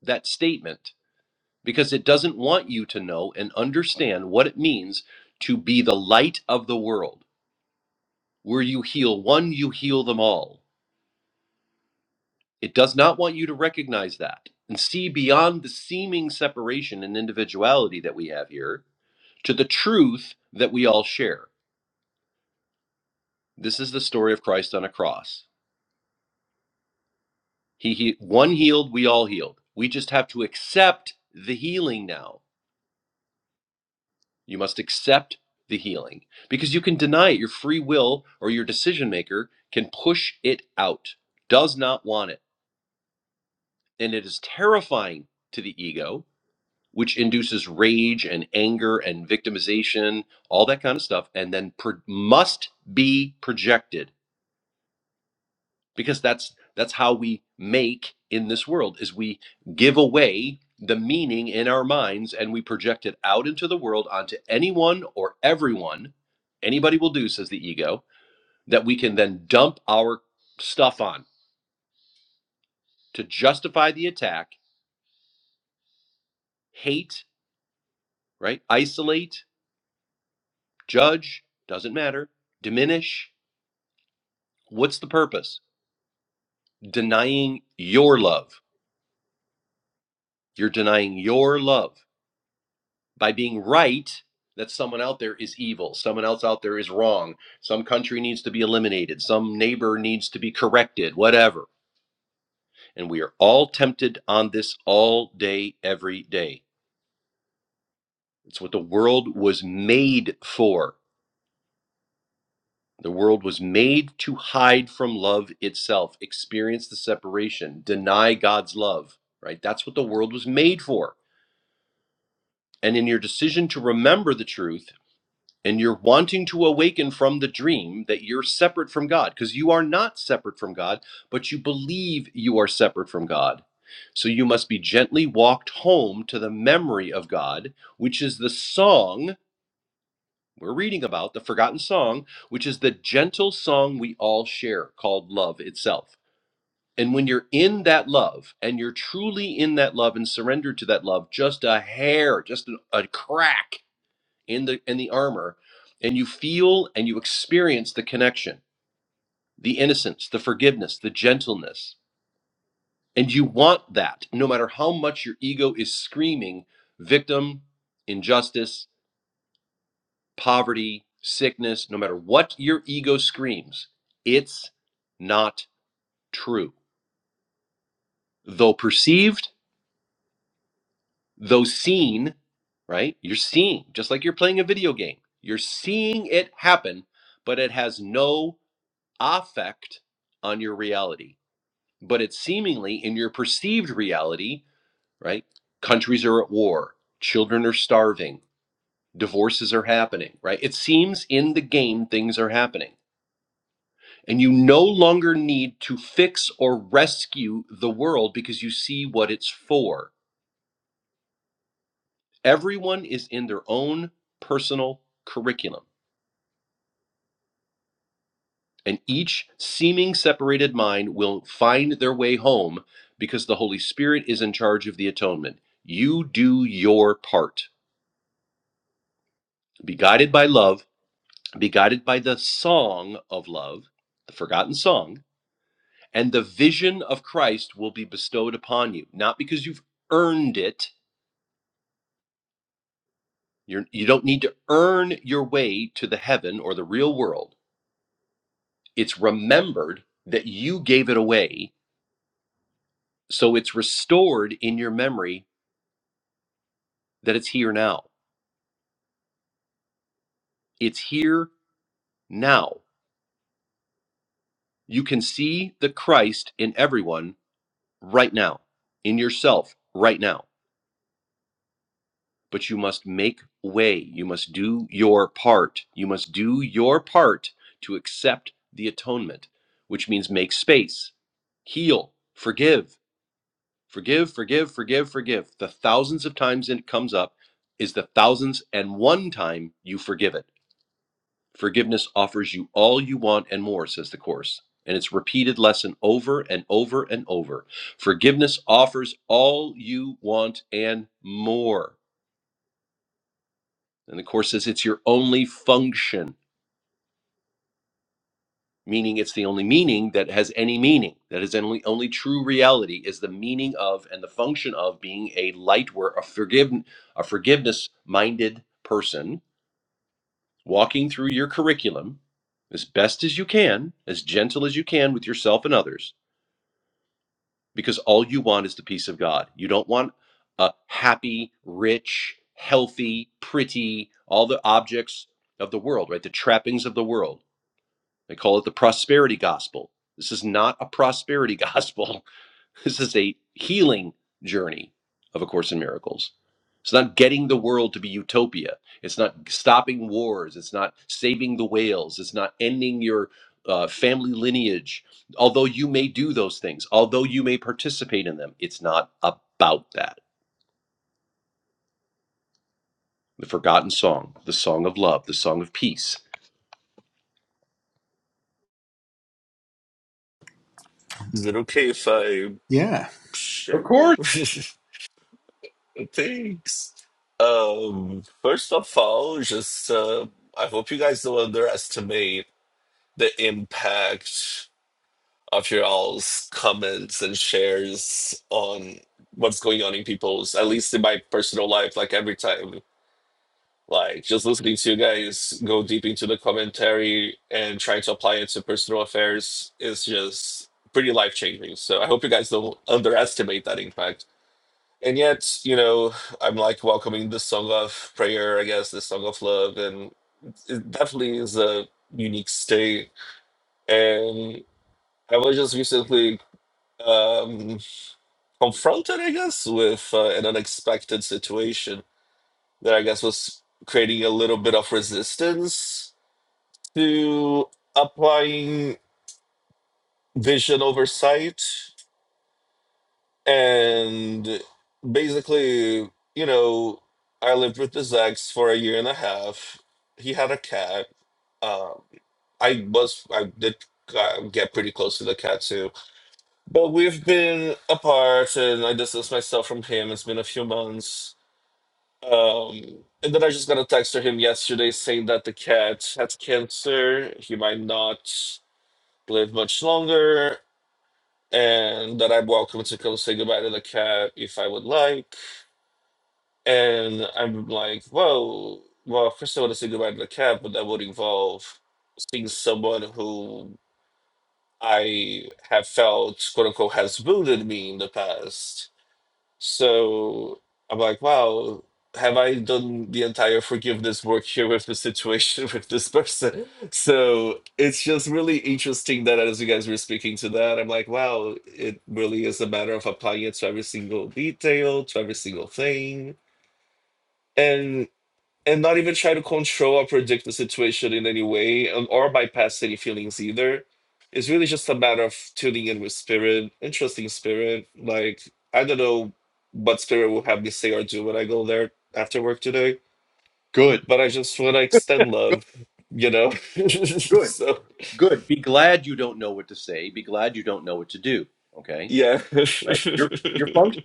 C: that statement because it doesn't want you to know and understand what it means to be the light of the world. Where you heal one, you heal them all It does not want you to recognize that and see beyond the seeming separation and individuality that we have here to the truth that we all share. This is the story of Christ on a cross. He, he one healed, we all healed. We just have to accept the healing now. You must accept the healing because you can deny it. Your free will or your decision maker can push it out. Does not want it, and it is terrifying to the ego which induces rage and anger and victimization, all that kind of stuff, and then pro- must be projected because that's that's how we make in this world is we give away the meaning in our minds and we project it out into the world onto anyone or everyone anybody will do says the ego that we can then dump our stuff on to justify the attack hate right isolate judge doesn't matter diminish What's the purpose? Denying your love. You're denying your love by being right that someone out there is evil, someone else out there is wrong, some country needs to be eliminated, some neighbor needs to be corrected, whatever. And we are all tempted on this all day, every day. It's what the world was made for. The world was made to hide from love itself, experience the separation, deny God's love, right? That's what the world was made for. and in your decision to remember the truth and your wanting to awaken from the dream that you're separate from God, because you are not separate from God, but you believe you are separate from God. So you must be gently walked home to the memory of God, which is the song we're reading about, the forgotten song, which is the gentle song we all share called love itself. And when you're in that love and you're truly in that love and surrendered to that love, just a hair, just a, a crack in the in the armor and you feel and you experience the connection the innocence the forgiveness the gentleness and you want that no matter how much your ego is screaming victim injustice poverty sickness no matter what your ego screams it's not true though perceived though seen right you're seeing just like you're playing a video game you're seeing it happen but it has no affect on your reality, but it's seemingly in your perceived reality, right? Countries are at war, children are starving, divorces are happening, right? It seems in the game things are happening. And you no longer need to fix or rescue the world because you see what it's for. Everyone is in their own personal curriculum. and each seeming separated mind will find their way home because the Holy Spirit is in charge of the atonement. You do your part. Be guided by love, be guided by the song of love, the forgotten song, and the vision of Christ will be bestowed upon you, not because you've earned it. You're, you don't need to earn your way to the heaven or the real world. It's remembered that you gave it away, so it's restored in your memory that it's here now It's here now. You can see the Christ in everyone right now, in yourself right now. But you must make way. You must do your part. You must do your part to accept the atonement, which means make space, heal, forgive, forgive, forgive, forgive, forgive. The thousands of times it comes up is the thousands and one time you forgive it. Forgiveness offers you all you want and more, says the Course. And it's repeated lesson over and over and over. Forgiveness offers all you want and more. And the Course says it's your only function, meaning it's the only meaning that has any meaning, that is only, only true reality, is the meaning of and the function of being a light worker, a, forgive, a forgiveness minded person walking through your curriculum as best as you can, as gentle as you can with yourself and others because all you want is the peace of God. You don't want a happy, rich, healthy, pretty, all the objects of the world, right? The trappings of the world. They call it the prosperity gospel. This is not a prosperity gospel. This is a healing journey of A Course in Miracles. It's not getting the world to be utopia. It's not stopping wars. It's not saving the whales. It's not ending your uh, family lineage. Although you may do those things, although you may participate in them, it's not about that. The forgotten song, the song of love, the song of peace.
B: Is it okay if I
A: Yeah,
C: Of
B: share?
C: course.
B: Thanks. Um, first of all, just uh, I hope you guys don't underestimate the impact of your all's comments and shares on what's going on in people's, at least in my personal life. Like every time. Like just listening to you guys go deep into the commentary and trying to apply it to personal affairs is just pretty life changing. So I hope you guys don't underestimate that impact. And yet, you know, I'm like welcoming the song of prayer, I guess, the song of love, and it definitely is a unique state. And I was just recently um, confronted, I guess, with uh, an unexpected situation that I guess was creating a little bit of resistance to applying vision oversight and basically you know i lived with this ex for a year and a half he had a cat um i was i did uh, get pretty close to the cat too but we've been apart and i distanced myself from him it's been a few months um and then i just got a text to him yesterday saying that the cat had cancer he might not live much longer and that I'm welcome to come say goodbye to the cat if I would like. And I'm like, well, well, first I want to say goodbye to the cat, but that would involve seeing someone who I have felt, quote unquote, has wounded me in the past so I'm like, wow, have I done the entire forgiveness work here with the situation with this person? So it's just really interesting that as you guys were speaking to that, I'm like, wow, it really is a matter of applying it to every single detail, to every single thing. and and not even try to control or predict the situation in any way um, or bypass any feelings either. It's really just a matter of tuning in with spirit, and trusting spirit. Like, I don't know what spirit will have me say or do when I go there after work today,
C: Good.
B: but I just want to extend
C: Good.
B: love, you know?
C: Good.
B: so,
C: Good. Be glad you don't know what to say. Be glad you don't know what to do. Okay.
B: yeah.
C: Right. Your your function.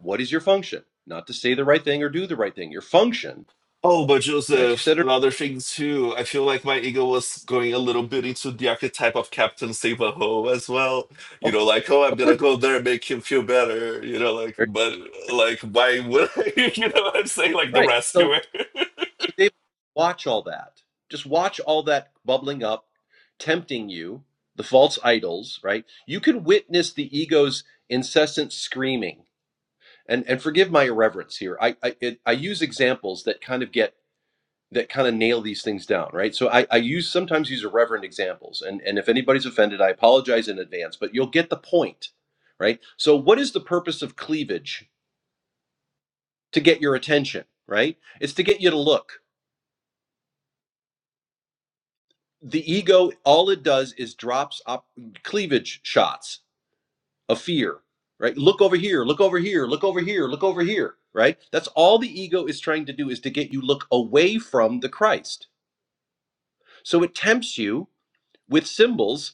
C: What is your function? Not to say the right thing or do the right thing. Your function.
B: Oh, but
C: Matthew
B: Joseph,
C: said it.
B: another thing too, I feel like my ego was going a little bit into the archetype of Captain Save as well. You
C: Of
B: know, like, oh, I'm
C: of
B: gonna
C: course.
B: go there and make him feel better, you know, like,
C: There you
B: but
C: go.
B: like, why would I? You know what I'm saying? Like the
C: Right. So
B: rescuer,
C: so David, watch all that. Just watch all that bubbling up, tempting you. The false idols. Right. You can witness the ego's incessant screaming. And and forgive my irreverence here. I I, it, I use examples that kind of get that kind of nail these things down, right? So I, I use sometimes use irreverent examples, and and if anybody's offended, I apologize in advance, but you'll get the point, right? So what is the purpose of cleavage to get your attention, right? It's to get you to look. The ego, all it does is drops up cleavage shots of fear, right? Look over here, look over here, look over here, look over here, right? That's all the ego is trying to do is to get you look away from the Christ. So it tempts you with symbols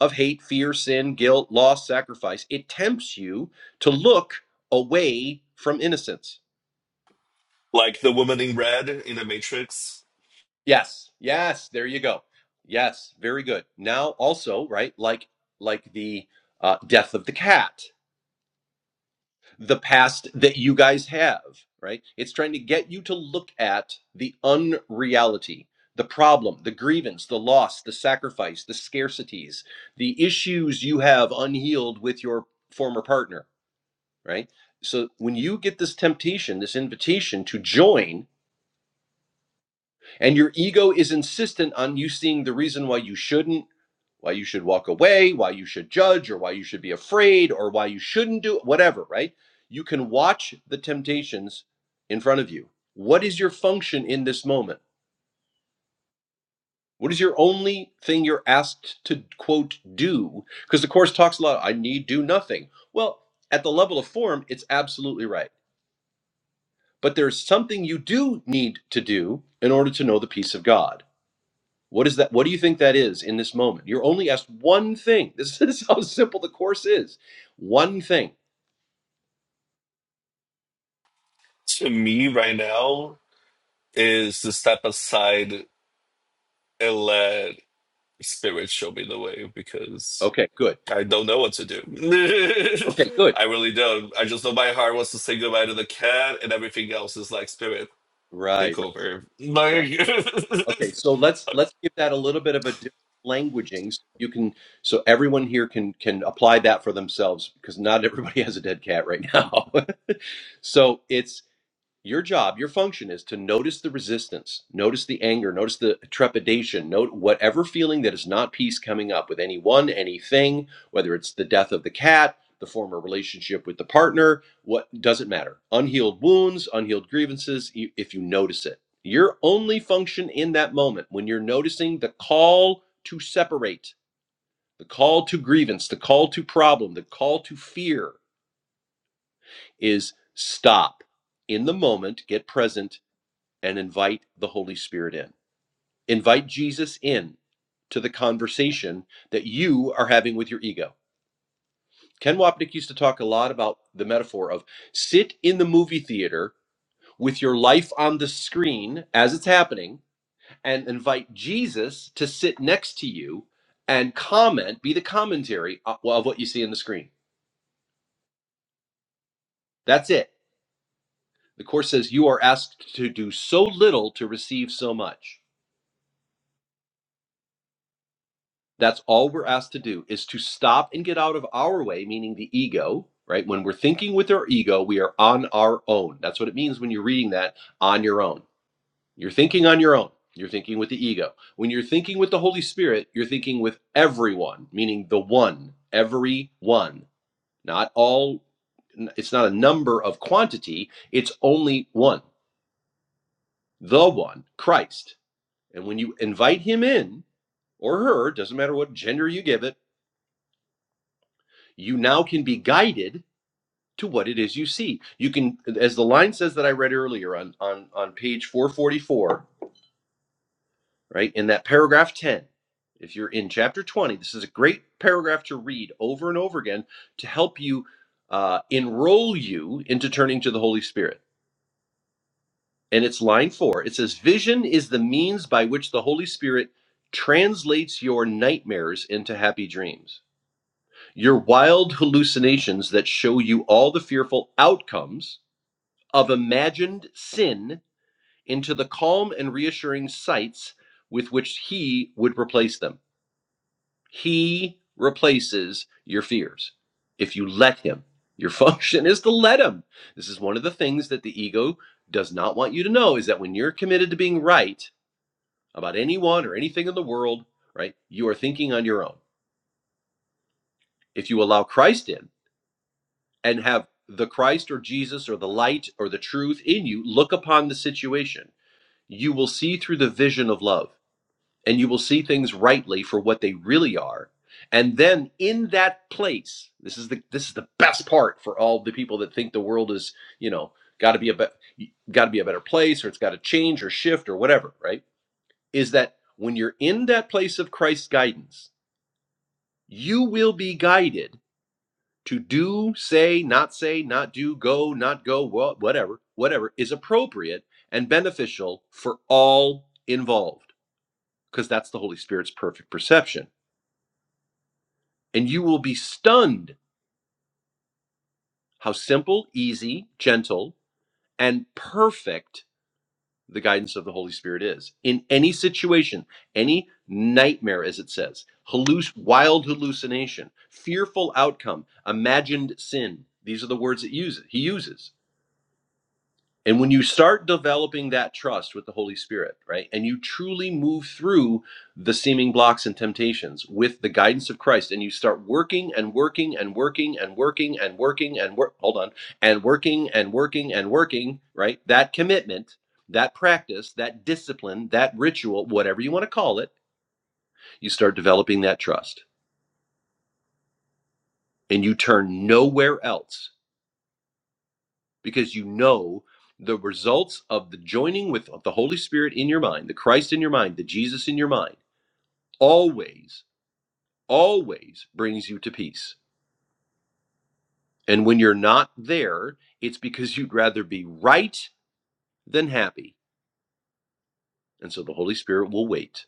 C: of hate, fear, sin, guilt, loss, sacrifice. It tempts you to look away from innocence.
B: like the woman in red in the Matrix,
C: Yes, yes, there you go. Yes, very good. Now also, right, like like the uh, death of the cat, the past that you guys have, right? It's trying to get you to look at the unreality, the problem, the grievance, the loss, the sacrifice, the scarcities, the issues you have unhealed with your former partner right? So when you get this temptation, this invitation to join, and your ego is insistent on you seeing the reason why you shouldn't, why you should walk away, why you should judge, or why you should be afraid, or why you shouldn't do whatever, right? You can watch the temptations in front of you. What is your function in this moment? What is your only thing you're asked to quote do? Because the course talks a lot, I need do nothing. Well, at the level of form, it's absolutely right But there's something you do need to do in order to know the peace of God. What is that? What do you think that is in this moment? You're only asked one thing. This is how simple the course is. One thing.
B: to me right now is to step aside and let spirit show me the way because.
C: Okay, good.
B: I don't know what to do.
C: Okay, good.
B: I really don't. I just know my heart wants to say goodbye to the cat, and everything else is like spirit
C: Right,
B: take
C: right,
B: over.
C: right.
B: Like,
C: Okay, so let's let's give that a little bit of a different languaging so you can so everyone here can can apply that for themselves because not everybody has a dead cat right now. so it's your job your function is to notice the resistance notice the anger notice the trepidation note whatever feeling that is not peace coming up with anyone anything whether it's the death of the cat the former relationship with the partner what doesn't matter unhealed wounds unhealed grievances you- if you notice it your only function in that moment when you're noticing the call to separate the call to grievance the call to problem the call to fear is stop in the moment get present and invite the Holy Spirit in. Invite Jesus in to the conversation that you are having with your ego. Ken Wapnick used to talk a lot about the metaphor of sit in the movie theater with your life on the screen as it's happening and invite Jesus to sit next to you and comment, be the commentary of what you see on the screen. That's it. The Course says you are asked to do so little to receive so much. That's all we're asked to do is to stop and get out of our way, meaning the ego, right? When we're thinking with our ego, we are on our own. That's what it means when you're reading that on your own. You're thinking on your own. You're thinking with the ego. When you're thinking with the Holy Spirit, you're thinking with everyone, meaning the one, every one, not all. It's not a number of quantity, it's only one, the one, Christ. And when you invite him in or her, doesn't matter what gender you give it, you now can be guided to what it is you see. You can, as the line says that I read earlier on on on page 444, right in that paragraph 10. If you're in chapter 20, this is a great paragraph to read over and over again to help you uh, enroll you into turning to the Holy Spirit. And it's line four. It says, "Vision is the means by which the Holy Spirit." Translates your nightmares into happy dreams, your wild hallucinations that show you all the fearful outcomes of imagined sin into the calm and reassuring sights with which he would replace them. He replaces your fears if you let him. Your function is to let him. This is one of the things that the ego does not want you to know is that when you're committed to being right about anyone or anything in the world, right, you are thinking on your own. If you allow Christ in and have the Christ or Jesus or the light or the truth in you look upon the situation you will see through the vision of love and you will see things rightly for what they really are and then in that place this is the this is the best part for all the people that think the world is you know got to be a be- got to be a better place or it's got to change or shift or whatever right is that when you're in that place of Christ's guidance you will be guided to do say not say not do go not go wha- whatever whatever is appropriate and beneficial for all involved because that's the Holy Spirit's perfect perception. And you will be stunned how simple, easy, gentle, and perfect the guidance of the Holy Spirit is in any situation, any nightmare, as it says, halluc- wild hallucination, fearful outcome, imagined sin. These are the words it uses. He uses. And when you start developing that trust with the Holy Spirit, right, and you truly move through the seeming blocks and temptations with the guidance of Christ, and you start working and working and working and working and working and work, hold on, and working and working and working, right, that commitment, that practice, that discipline, that ritual, whatever you want to call it, you start developing that trust. And you turn nowhere else because you know the results of the joining with the Holy Spirit in your mind, the Christ in your mind, the Jesus in your mind, always, always brings you to peace. And when you're not there, it's because you'd rather be right than happy. And so the Holy Spirit will wait.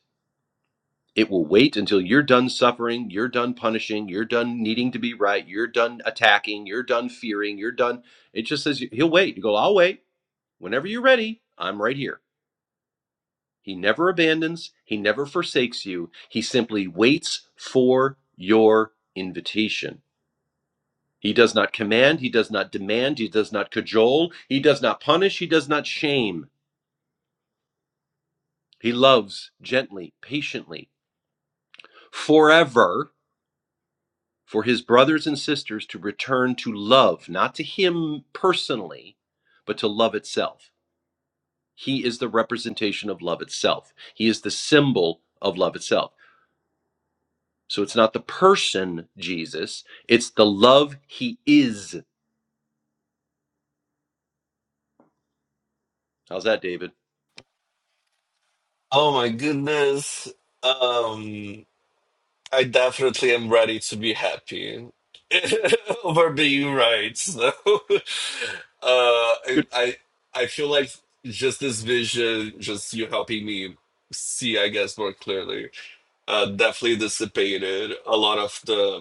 C: It will wait until you're done suffering, you're done punishing, you're done needing to be right, you're done attacking, you're done fearing, you're done. It just says, He'll wait. You go, I'll wait. Whenever you're ready, I'm right here. He never abandons, he never forsakes you. He simply waits for your invitation. He does not command, he does not demand, he does not cajole, he does not punish, he does not shame. He loves gently, patiently, forever for his brothers and sisters to return to love, not to him personally, but to love itself. He is the representation of love itself. He is the symbol of love itself. So it's not the person Jesus, it's the love he is. How's that, David?
B: oh my goodness. Um, I definitely am ready to be happy over being right. So, uh, I,
C: Good.
B: I I feel like just this vision, just you helping me see, I guess, more clearly uh, definitely dissipated a lot of the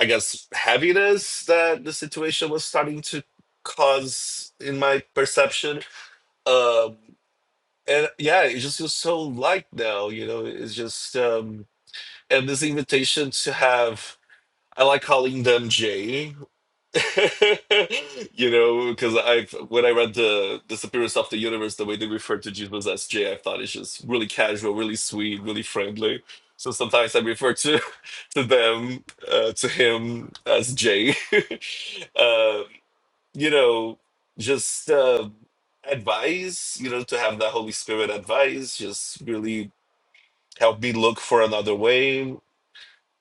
B: I guess, heaviness that the situation was starting to cause in my perception. Um, and yeah, it just feels so light now, you know, it's just, um, and this invitation to have, I like calling them Jay you know, because I when I read the the Disappearance of the Universe, the way they refer to Jesus as J, I thought it's just really casual, really sweet, really friendly. So sometimes I refer to to them uh, to him as J. uh, you know, just uh, advice. You know, to have that Holy Spirit advice just really help me look for another way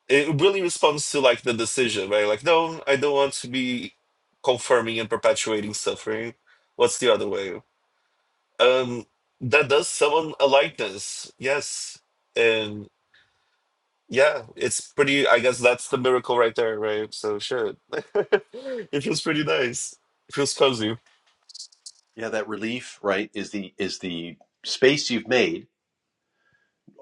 B: it really responds to like the decision, right? Like, no, I don't want to be confirming and perpetuating suffering. What's the other way? Um, that does summon a likeness, yes, and yeah, it's pretty. I guess that's the miracle right there, right? So sure, it feels pretty nice. It feels cozy.
C: Yeah, that relief, right, is the is the space you've made.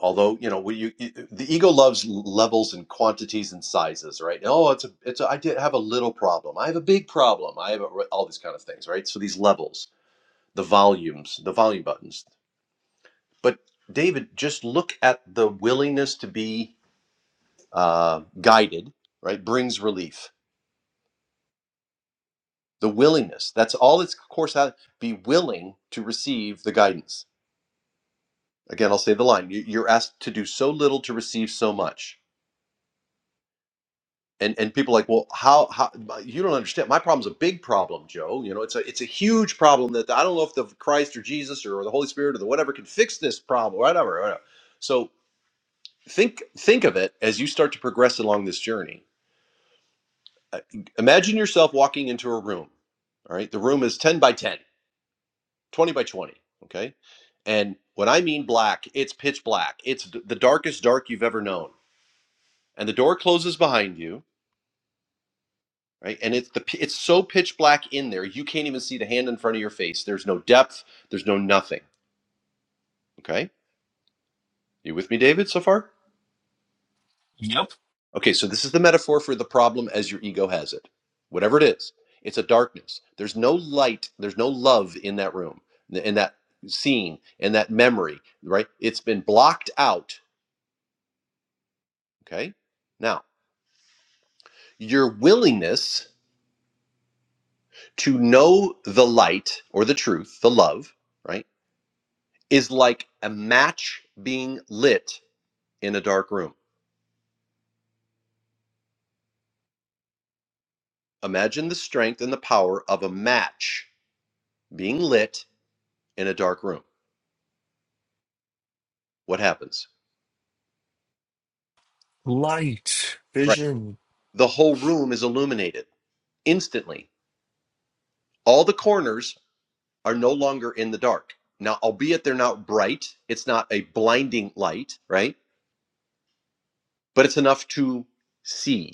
C: Although you know, we, you, the ego loves levels and quantities and sizes, right? Oh, it's a, it's. A, I did have a little problem. I have a big problem. I have a, all these kind of things, right? So these levels, the volumes, the volume buttons. But David, just look at the willingness to be uh, guided, right? Brings relief the willingness that's all it's course out be willing to receive the guidance again i'll say the line you- are asked to do so little to receive so much and and people are like well how how you don't understand my problem's a big problem joe you know it's a it's a huge problem that i don't know if the christ or jesus or the holy spirit or the whatever can fix this problem whatever, whatever. so think think of it as you start to progress along this journey Uh, imagine yourself walking into a room all right the room is 10 by 10 20 by 20 okay and when i mean black it's pitch black it's d- the darkest dark you've ever known and the door closes behind you right and it's the p- it's so pitch black in there you can't even see the hand in front of your face there's no depth there's no nothing okay you with me david so far
B: Yep,
C: okay so this is the metaphor for the problem as your ego has it whatever it is it's a darkness there's no light there's no love in that room in that scene in that memory right it's been blocked out okay now your willingness to know the light or the truth, the love, right, is like a match being lit in a dark room. Imagine the strength and the power of a match being lit in a dark room. What happens?
B: light
C: Right.
B: vision.
C: The whole room is illuminated instantly. All the corners are no longer in the dark. Now, albeit they're not bright, it's not a blinding light, right? But it's enough to see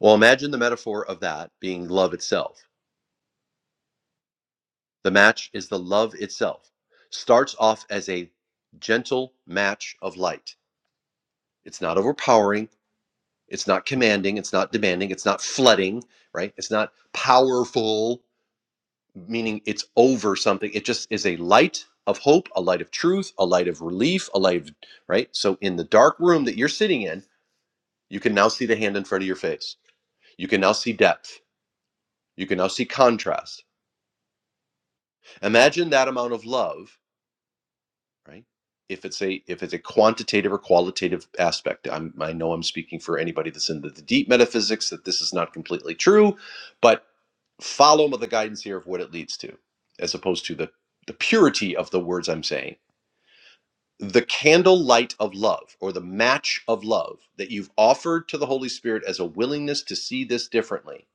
C: Well, imagine the metaphor of that being love itself. The match is the love itself. Starts off as a gentle match of light. It's not overpowering, it's not commanding, it's not demanding, it's not flooding, right? It's not powerful, meaning it's over something. It just is a light of hope, a light of truth, a light of relief, a light of, right? So in the dark room that you're sitting in, you can now see the hand in front of your face. You can now see depth. You can now see contrast. Imagine that amount of love right? If it's a if it's a quantitative or qualitative aspect, I'm, I know I'm speaking for anybody that's into the deep metaphysics that this is not completely true, but follow the guidance here of what it leads to, as opposed to the the purity of the words I'm saying. The candle light of love, or the match of love that you've offered to the Holy Spirit as a willingness to see this differently,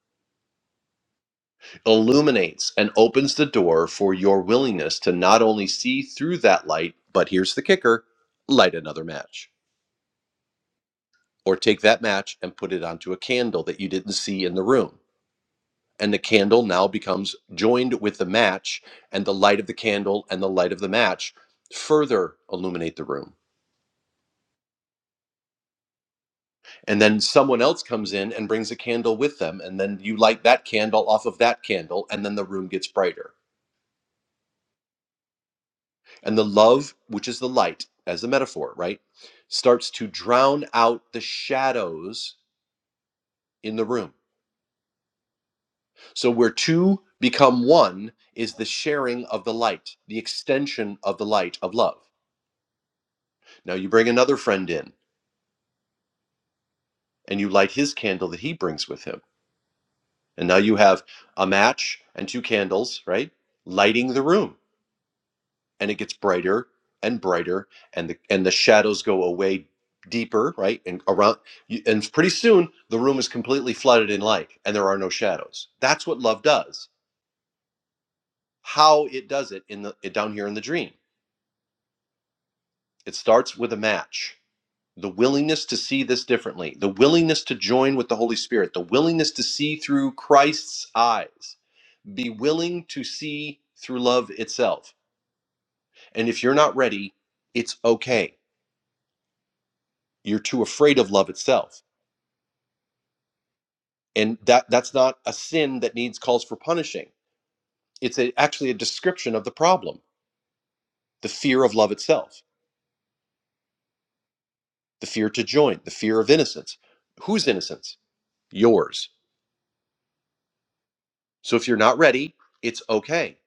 C: illuminates and opens the door for your willingness to not only see through that light, but here's the kicker light another match Or take that match and put it onto a candle that you didn't see in the room. And the candle now becomes joined with the match, and the light of the candle and the light of the match further illuminate the room. And then someone else comes in and brings a candle with them, and then you light that candle off of that candle, and then the room gets brighter. And the love, which is the light as a metaphor, right, starts to drown out the shadows in the room So, where two become one is the sharing of the light, the extension of the light of love. Now, you bring another friend in and you light his candle that he brings with him. And now you have a match and two candles, right? Lighting the room. And it gets brighter and brighter, and the, and the shadows go away deeper, right? And around, you- and pretty soon the room is completely flooded in light, and there are no shadows. That's what love does. How it does it in the down here in the dream. It starts with a match the willingness to see this differently, the willingness to join with the Holy Spirit, the willingness to see through Christ's eyes, be willing to see through love itself. And if you're not ready, it's okay. You're too afraid of love itself. And that that's not a sin that needs calls for punishing. It's a, actually a description of the problem, the fear of love itself, the fear to join, the fear of innocence. Whose innocence? Yours. So if you're not ready, it's okay.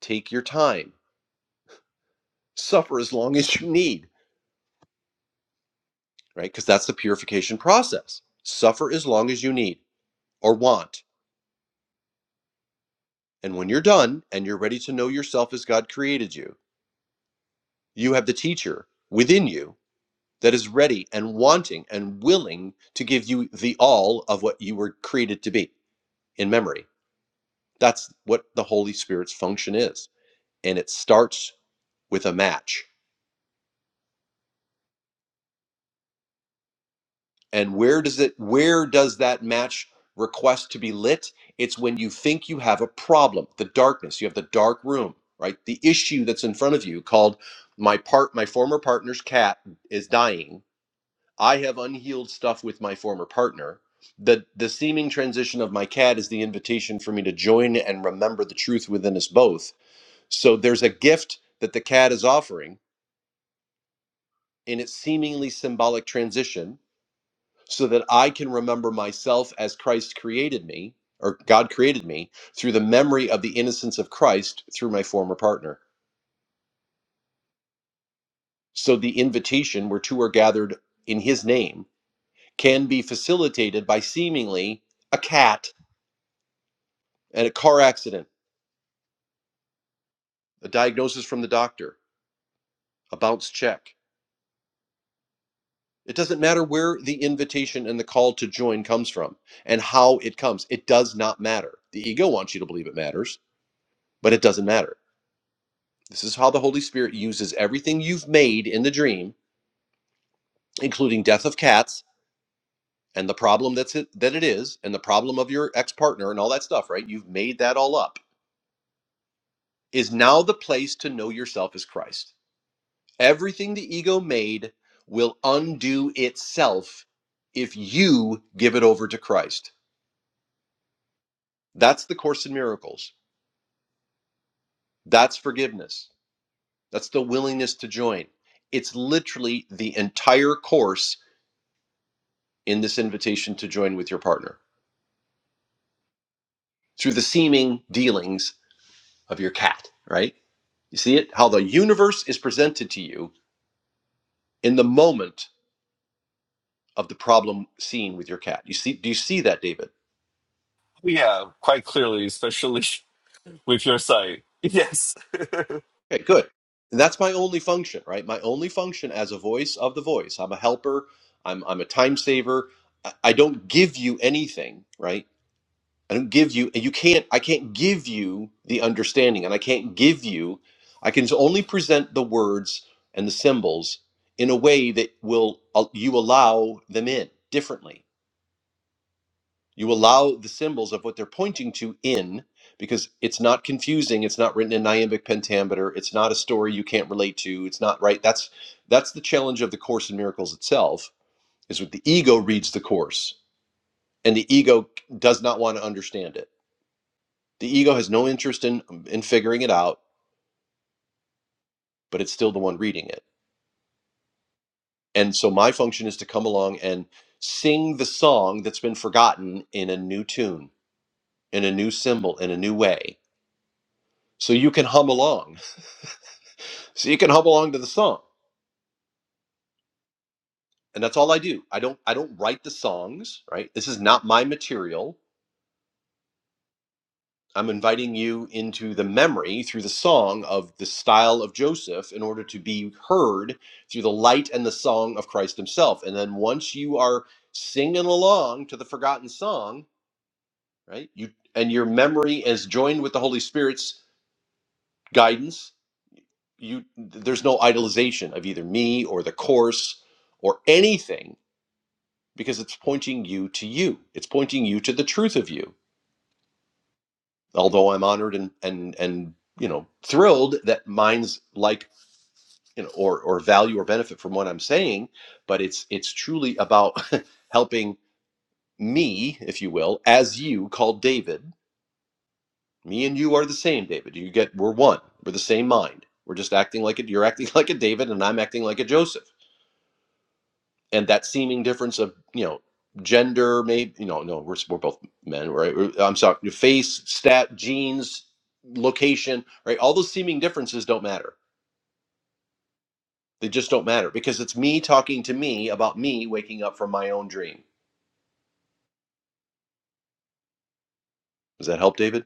C: Take your time Suffer as long as you need, right? Because that's the purification process. Suffer as long as you need or want. And when you're done and you're ready to know yourself as God created you, you have the teacher within you that is ready and wanting and willing to give you the all of what you were created to be in memory. That's what the Holy Spirit's function is. And it starts with a match And where does it where does that match request to be lit? It's when you think you have a problem, the darkness, you have the dark room, right? The issue that's in front of you called my part my former partner's cat is dying. I have unhealed stuff with my former partner. The the seeming transition of my cat is the invitation for me to join and remember the truth within us both. So there's a gift that the cat is offering in its seemingly symbolic transition so that I can remember myself as Christ created me, or God created me, through the memory of the innocence of Christ through my former partner. So the invitation where two are gathered in his name can be facilitated by seemingly a cat and a car accident, a diagnosis from the doctor, a bounce check. It doesn't matter where the invitation and the call to join comes from and how it comes. It does not matter. The ego wants you to believe it matters, but it doesn't matter This is how the Holy Spirit uses everything you've made in the dream, including death of cats and the problem that's it, that it is, and the problem of your ex partner and all that stuff. Right? You've made that all up. Is now the place to know yourself as Christ. Everything the ego made will undo itself if you give it over to Christ. That's the Course in Miracles. That's forgiveness. That's the willingness to join. It's literally the entire course in this invitation to join with your partner. through the seeming dealings of your cat, right? You see it? How the universe is presented to you in the moment of the problem seen with your cat. You see do you see that, David?
B: Yeah, quite clearly, especially with your sight. Yes.
C: Okay, good. And that's my only function, right? My only function as a voice of the voice. I'm a helper, I'm I'm a time saver. I I don't give you anything, right? I don't give you, and you can't, I can't give you the understanding, and I can't give you, I can only present the words and the symbols in a way that will, uh, you allow them in differently. You allow the symbols of what they're pointing to in, because it's not confusing. It's not written in iambic pentameter. It's not a story you can't relate to. It's not right. That's that's the challenge of the Course in Miracles itself. Is that the ego reads the course, and the ego does not want to understand it The ego has no interest in in figuring it out, but it's still the one reading it. And so my function is to come along and sing the song that's been forgotten in a new tune, in a new symbol, in a new way. So you can hum along. So you can hum along to the song. And that's all I do. I don't I don't write the songs, right? This is not my material. I'm inviting you into the memory through the song of the style of Joseph in order to be heard through the light and the song of Christ himself. And then once you are singing along to the forgotten song, right? You and your memory is joined with the Holy Spirit's guidance, you there's no idolization of either me or the course or anything because it's pointing you to you. It's pointing you to the truth of you. although I'm honored and and and you know thrilled that minds like you know or or value or benefit from what I'm saying, but it's it's truly about helping me, if you will, as you called David. Me and you are the same, David. You get we're one. We're the same mind. We're just acting like it. You're acting like a David, and I'm acting like a Joseph and that seeming difference of you know gender maybe you know no we're, we're both men right Or, i'm sorry your face stat genes location right all those seeming differences don't matter they just don't matter because it's me talking to me about me waking up from my own dream does that help david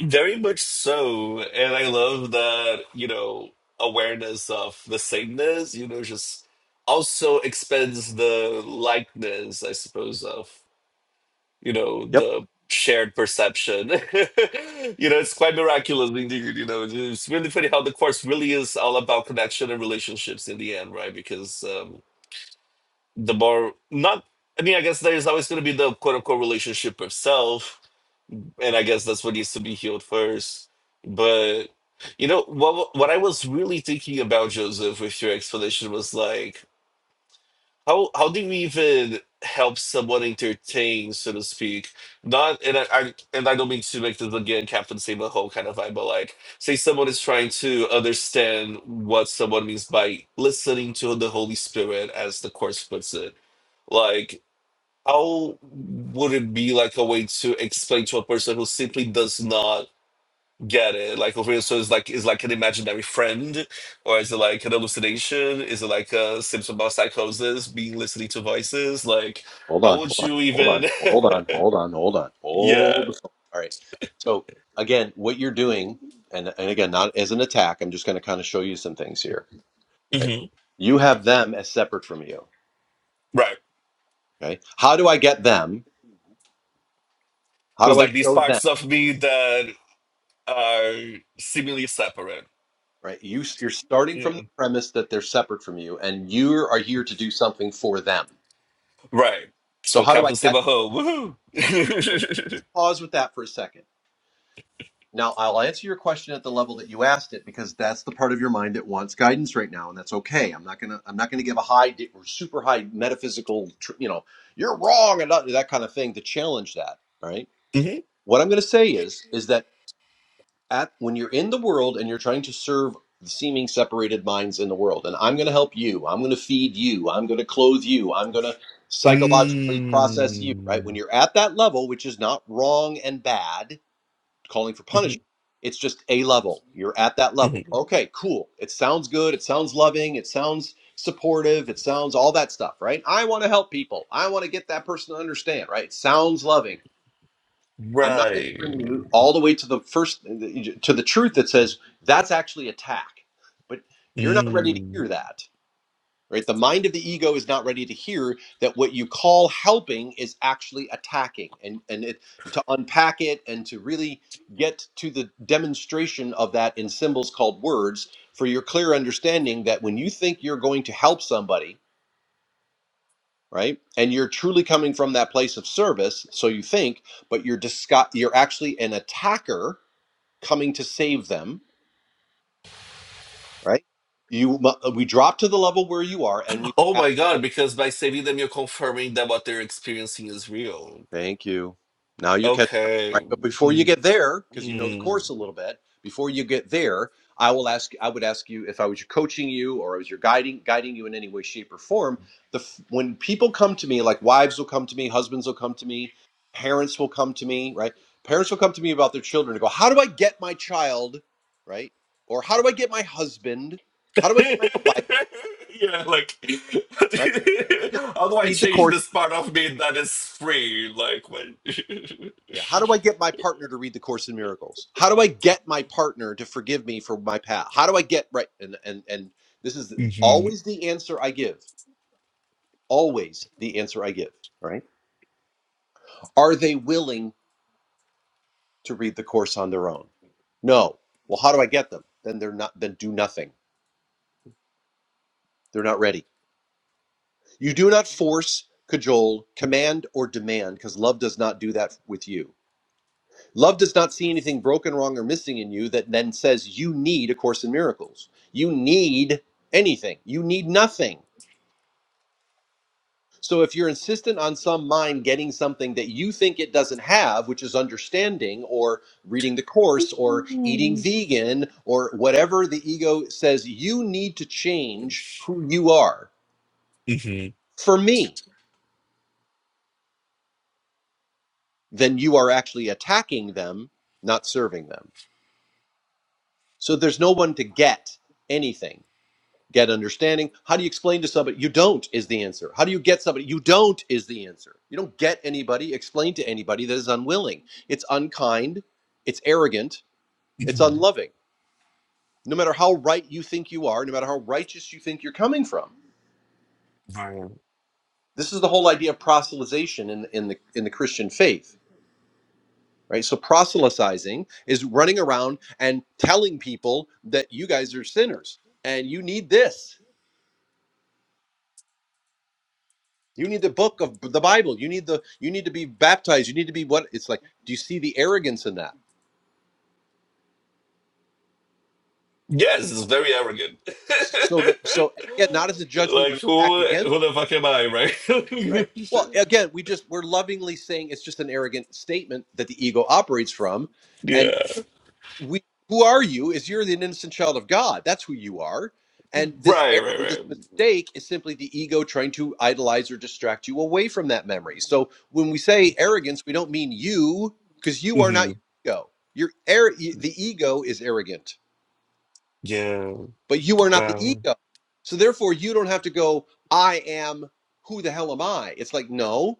B: Very much so. And I love that, you know, awareness of the sameness, you know, just also expands the likeness, I suppose, of, you know,
C: yep
B: the shared perception. You know, it's quite miraculous indeed, you know. It's really funny how the course really is all about connection and relationships in the end, right? Because um the more not I mean, I guess there's always going to be the quote unquote relationship itself, and I guess that's what needs to be healed first. But you know what? What I was really thinking about Joseph with your explanation was like, how how do we even help someone entertain, so to speak? Not and I, I and I don't mean to make this again Captain Save the Whole kind of vibe, but like, say someone is trying to understand what someone means by listening to the Holy Spirit, as the course puts it. Like how would it be like a way to explain to a person who simply does not get it? Like over here, so it's like is like an imaginary friend, or is it like an hallucination? Is it like a symptom of psychosis, being listening to voices? Like,
C: hold
B: how
C: on hold
B: would
C: on
B: you
C: hold on
B: even?
C: hold on hold on hold on
B: yeah,
C: hold the phone. all right so again what you're doing and, and again not as an attack i'm just going to kind of show you some things here right
B: hmm
C: you have them as separate from you
B: right.
C: Okay. How do I get them? How
B: There's
C: do I
B: like these
C: show them?
B: parts of me that are seemingly separate.
C: Right. You, you're starting
B: Yeah,
C: from the premise that they're separate from you and you are here to do something for them.
B: right.
C: So
B: So
C: how do I
B: Captain
C: get
B: Saberho, woohoo!
C: Let's pause with that for a second. Now I'll answer your question at the level that you asked it because that's the part of your mind that wants guidance right now, and that's okay. I'm not gonna I'm not gonna give a high di- or super high metaphysical tr- you know you're wrong and that that kind of thing to challenge that. All right.
B: mm-hmm.
C: What I'm gonna say is is that at when you're in the world and you're trying to serve the seeming separated minds in the world and i'm going to help you i'm going to feed you i'm going to clothe you i'm going to psychologically process you right when
B: Mm.
C: you're at that level which is not wrong and bad calling for punishment it's just a level you're at that level
B: Mhm.
C: okay cool it sounds good it sounds loving it sounds supportive it sounds all that stuff right i want to help people i want to get that person to understand right it sounds loving I'm not going to bring
B: Right.
C: you all the way to the first to the truth that says that's actually attack, but you're not ready to
B: Mm.
C: hear that, right? The mind of the ego is not ready to hear that what you call helping is actually attacking, and and it, to unpack it and to really get to the demonstration of that in symbols called words for your clear understanding that when you think you're going to help somebody right and you're truly coming from that place of service so you think but you're disgu- you're actually an attacker coming to save them, right? You mu- uh, we drop to the level where you are, and we
B: Oh
C: ask.
B: my
C: you
B: God,
C: this.
B: because by saving them, you're confirming that what they're experiencing is real.
C: Thank you. Now you're catching up. All right,
B: Okay.
C: but before you
B: Mm.
C: get there, because you know the
B: Mm.
C: course a little bit, before you get there, I will ask. I would ask you if I was coaching you, or I was your guiding guiding you in any way, shape, or form. The f- when people come to me, like wives will come to me, husbands will come to me, parents will come to me, right? Parents will come to me about their children and go, "How do I get my child?" Right? Or how do I get my husband? How do I
B: yeah,
C: get my wife?
B: like,
C: right? Like,
B: how
C: To
B: do I
C: read the
B: change
C: course.
B: this part of me that is free? Like, when.
C: Yeah. How do I get my partner to read the Course in Miracles? How do I get my partner to forgive me for my past? How do I get right? And and and this is
B: hmm
C: always the answer I give. Always the answer I give. Right? Are they willing to read the course on their own? No. Well, how do I get them? Then they're not. Then do nothing. They're not ready. You do not force, cajole, command, or demand, because love does not do that with you Love does not see anything broken, wrong, or missing in you that then says you need a course in miracles. You need anything. You need nothing. So if you're insistent on some mind getting something that you think it doesn't have, which is understanding or reading the course or eating vegan or whatever the ego says you need to change who you are
B: hmm
C: for me, then you are actually attacking them, not serving them. So there's no one to get anything get understanding. How do you explain to somebody? You don't is the answer. How do you get somebody? You don't is the answer. You don't get anybody, explain to anybody that is unwilling. It's unkind, it's arrogant, it's
B: hmm
C: unloving. No matter how right you think you are, no matter how righteous you think you're coming from.
B: Right.
C: This is the whole idea of proselytization in, in the in the Christian faith. Right? So proselytizing is running around and telling people that you guys are sinners and you need this You need the book of the Bible. You need the you need to be baptized. You need to be what it's like. Do you see the arrogance in that?
B: Yes, it's very arrogant.
C: So that so again, not as a judgment or
B: like
C: an attack
B: who
C: against,
B: who the fuck am I,
C: right?
B: right?
C: Well, again, we just we're lovingly saying it's just an arrogant statement that the ego operates from. and.
B: Yeah.
C: we who are you is you're the innocent child of god that's who you are and this
B: Right, right,
C: error this mistake is simply the ego trying to idolize or distract you away from that memory so when we say
B: right.
C: arrogance we don't mean you because you are not
B: hmm
C: your ego your air the ego is arrogant
B: Yeah.
C: but you are not the
B: Wow.
C: ego so therefore you don't have to go i am who the hell am i it's like no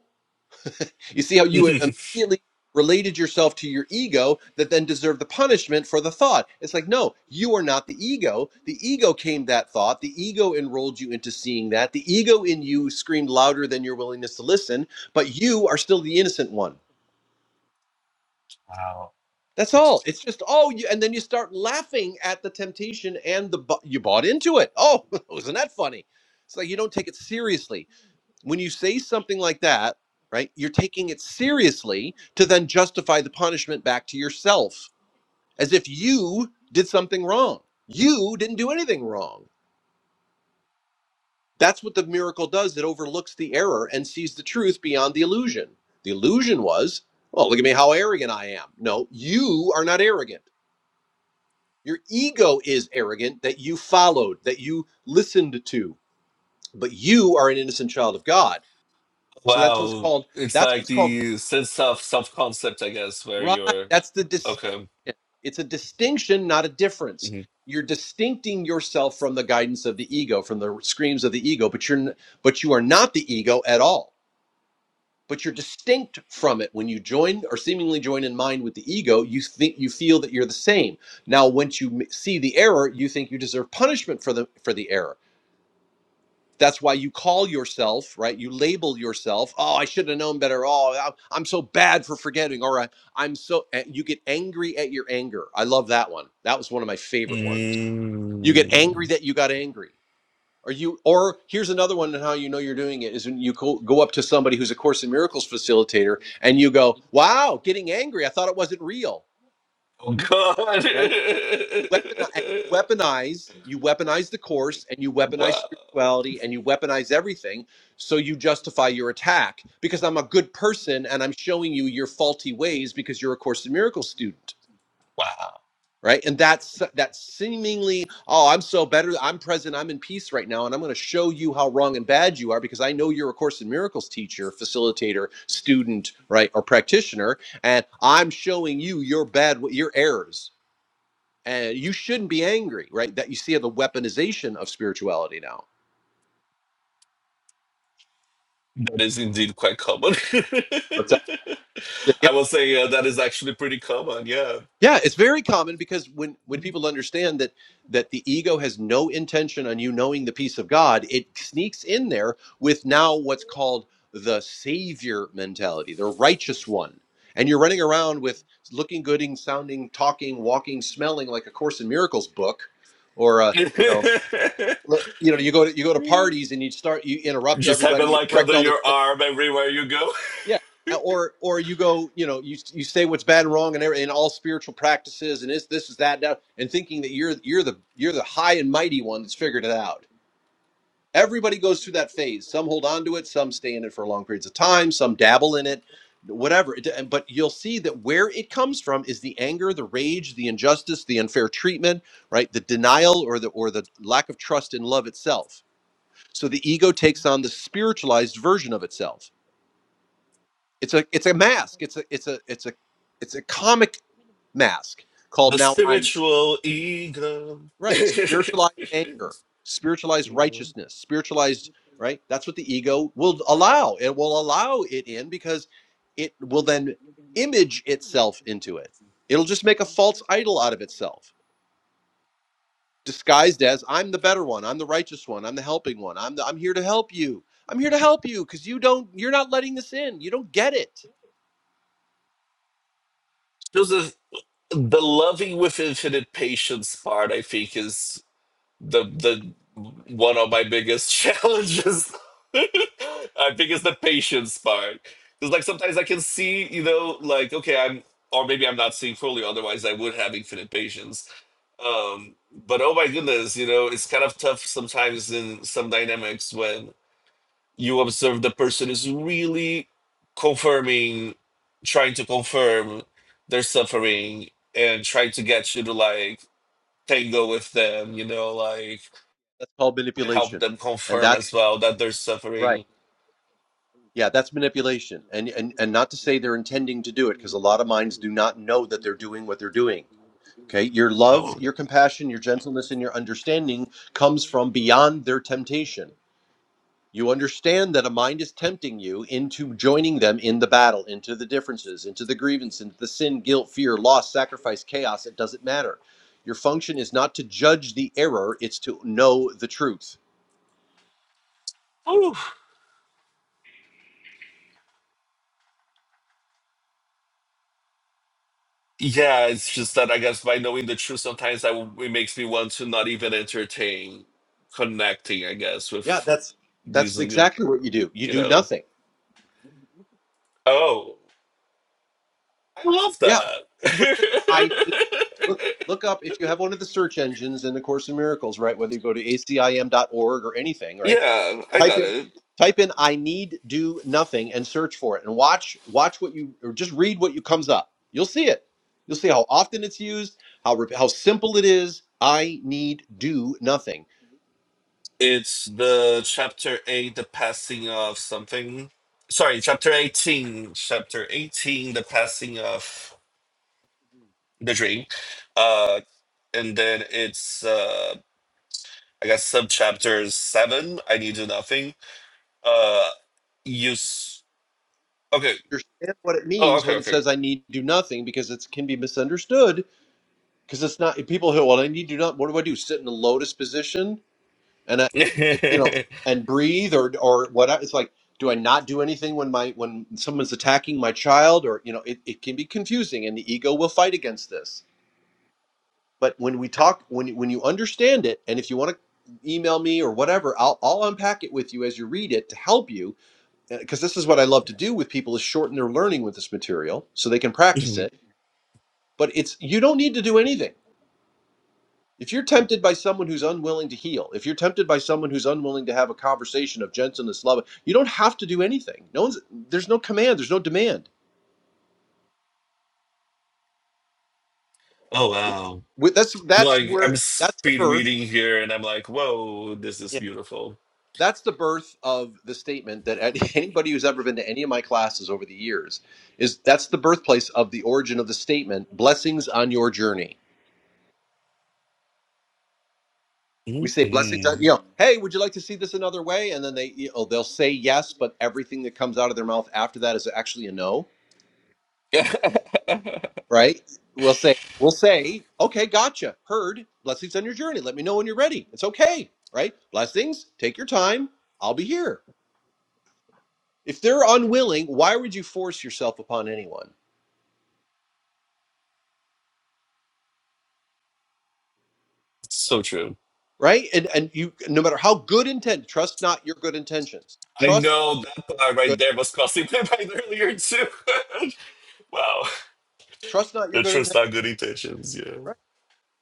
C: you see how you
B: Mhm.
C: immediately related yourself to your ego that then deserved the punishment for the thought. It's like, no, you are not the ego. The ego came that thought. The ego enrolled you into seeing that. The ego in you screamed louder than your willingness to listen, but you are still the innocent one. That's all. It's just oh, you, and then you start laughing at the temptation and the bu- you bought into it. Oh, wasn't that funny? It's like you don't take it seriously when you say something like that, right, you're taking it seriously to then justify the punishment back to yourself as if you did something wrong. You didn't do anything wrong. That's what the miracle does. It overlooks the error and sees the truth beyond the illusion. The illusion was, well, look at me, how arrogant I am. No, you are not arrogant. Your ego is arrogant that you followed, that you listened to, but you are an innocent child of God. So that's what's
B: wow.
C: called
B: It's
C: that's
B: like
C: what's called
B: the sense of self concept, I guess, where
C: Right.
B: you're
C: That's the distinction.
B: okay.
C: It's a distinction, not a difference.
B: hmm
C: You're distincting yourself from the guidance of the ego, from the screams of the ego, but you're n- but you are not the ego at all. But you're distinct from it. When you join or seemingly join in mind with the ego, you think you feel that you're the same. Now, once you m- see the error, you think you deserve punishment for the for the error. That's why you call yourself, right? You label yourself, oh, I should have known better. Oh, I- am so bad for forgetting. Or I- am so, you get angry at your anger. I love that one. That was one of my favorite ones. You get angry
B: Mm.
C: that you got angry. Or you, or here's another one and how you know you're doing it is when you go, go up to somebody who's a Course in Miracles facilitator and you go, wow, getting angry. I thought it wasn't real,
B: Oh God.
C: right? weapon- and you weaponize you weaponize the course and you weaponize
B: wow.
C: spirituality and you weaponize everything so you justify your attack because i'm a good person and i'm showing you your faulty ways because you're a course in miracles student
B: Wow.
C: right and that's that seemingly oh i'm so better i'm present i'm in peace right now and i'm going to show you how wrong and bad you are because i know you're a course in miracles teacher facilitator student right or practitioner and i'm showing you your bad your errors and you shouldn't be angry, right? That you see the weaponization of spirituality now.
B: That is indeed quite common.
C: What's that? Say it again?
B: I will say uh, that is actually pretty common. Yeah.
C: Yeah, it's very common because when when people understand that that the ego has no intention on you knowing the peace of God, it sneaks in there with now what's called the savior mentality, the righteous one. And you're running around with looking good and sounding, talking, walking, smelling like a Course in Miracles book or a, you know, you know, you go to you go to parties and you start you interrupt
B: Just
C: everybody,
B: having
C: you
B: like
C: correct
B: under
C: all
B: your
C: their
B: arm everywhere you go.
C: Yeah. Or or you go, you know, you you say what's bad and wrong and every, in all spiritual practices and this this is that that and thinking that you're you're the you're the high and mighty one that's figured it out. Everybody goes through that phase. Some hold on to it, some stay in it for long periods of time, some dabble in it, whatever. It- and- But you'll see that where it comes from is the anger, the rage, the injustice, the unfair treatment, right? The denial or the or the lack of trust in love itself. So the ego takes on the spiritualized version of itself it's a it's a mask. It's a it's a it's a it's a comic mask called
B: The
C: now I'm s-
B: spiritual ego.
C: right spiritualized anger, spiritualized righteousness, spiritualized right. That's what the ego will allow. It will allow it in because it will then image itself into it. It'll just make a false idol out of itself, disguised as I'm the better one, I'm the righteous one, I'm the helping one, I'm the, I'm here to help you. I'm here to help you because you don't you're not letting this in. You don't get it.
B: Joseph, the loving with infinite patience part, I think, is the the one of my biggest challenges. I think it's the patience part. Because like sometimes I can see, you know, like, okay, I'm or maybe I'm not seeing fully, otherwise I would have infinite patience. Um, but oh my goodness, you know, it's kind of tough sometimes in some dynamics when. you observe the person is really confirming, trying to confirm their suffering and trying to get you to like tango with them, you know, like
C: That's called
B: and help
C: manipulation
B: them
C: and
B: confirm
C: that's.
B: as well that they're
C: Right.
B: suffering.
C: Yeah, that's manipulation. And and and not to say they're intending to do it because a lot of minds do not know that they're doing what they're doing. Okay? Your love,
B: Oh.
C: your compassion, your gentleness and your understanding comes from beyond their temptation. You understand that a mind is tempting you into joining them in the battle, into the differences, into the grievance, into the sin, guilt, fear, loss, sacrifice, chaos, it doesn't matter. Your function is not to judge the error, it's to know the truth.
B: Yeah, it's just that I guess by knowing the truth, sometimes I, it makes me want to not even entertain connecting, I guess,
C: Yeah,
B: with
C: that's
B: these,
C: that's
B: you
C: exactly what you do. You do
B: know.
C: nothing.
B: Oh, I love
C: Yeah.
B: that.
C: course I need. Look, look up if you have one of the search engines in the Course in Miracles, right? Whether you go to acim.org or anything, right?
B: Yeah, I
C: Type
B: got
C: in,
B: it.
C: type in, I need do nothing, and search for it, and watch, watch what you, or just read what you comes up. You'll see it. You'll see how often it's used, how rep- how simple it is. I need do nothing.
B: It's the chapter 8, the passing of something. Sorry, chapter 18. Chapter 18, the passing of the dream. Uh, and then it's, uh, I guess, subchapter 7, I need to do nothing. Uh, use. Okay.
C: Understand what it
B: Oh,
C: means when it
B: okay,
C: says I need do nothing because it can be misunderstood because it's not people who well I need to do not what do I do sit in the lotus position and I, it- you know,
B: okay.
C: and breathe or or what? I, it's like, do I not do anything when my when someone's attacking my child? Or you know, it, it can be confusing, and the ego will fight against this. But when we talk, when you- when you understand it, and if you want to email me or whatever, I'll I'll unpack it with you as you read it to help you, because this is what I love to do with people is shorten their learning with this material so they can practice it. But it's you don't need to do anything If you're tempted by someone who's unwilling to heal, if you're tempted by someone who's unwilling to have a conversation of gentleness, love, you don't have to do anything. No one's there's no command, there's no demand.
B: oh, wow.
C: With- That's
B: I'm
C: that's
B: like, I'm
C: where that's the
B: speed
C: birth.
B: reading here and I'm like, whoa, this is
C: Yeah,
B: beautiful.
C: that's the birth of the statement that at- anybody who's ever been to any of my classes over the years is that's the birthplace of the origin of the statement. Blessings on your journey. We say blessings
B: Mhm.
C: on you know. Hey, would you like to see this another way? And then they you know, they'll say yes, but everything that comes out of their mouth after that is actually a no right? We'll say, we'll say, okay, gotcha, heard. Blessings on your journey. Let me know when you're ready. It's okay, right? Blessings. Take your time. I'll be here. If they're unwilling, why would you force yourself upon anyone,
B: so true.
C: right? And and you, no matter how good intent, trust not your good intentions.
B: I
C: Trust
B: know that part right
C: good.
B: there was crossing my mind earlier too. wow,
C: Trust not your
B: the
C: good
B: trust
C: intentions,
B: our good intentions. Yeah.
C: right?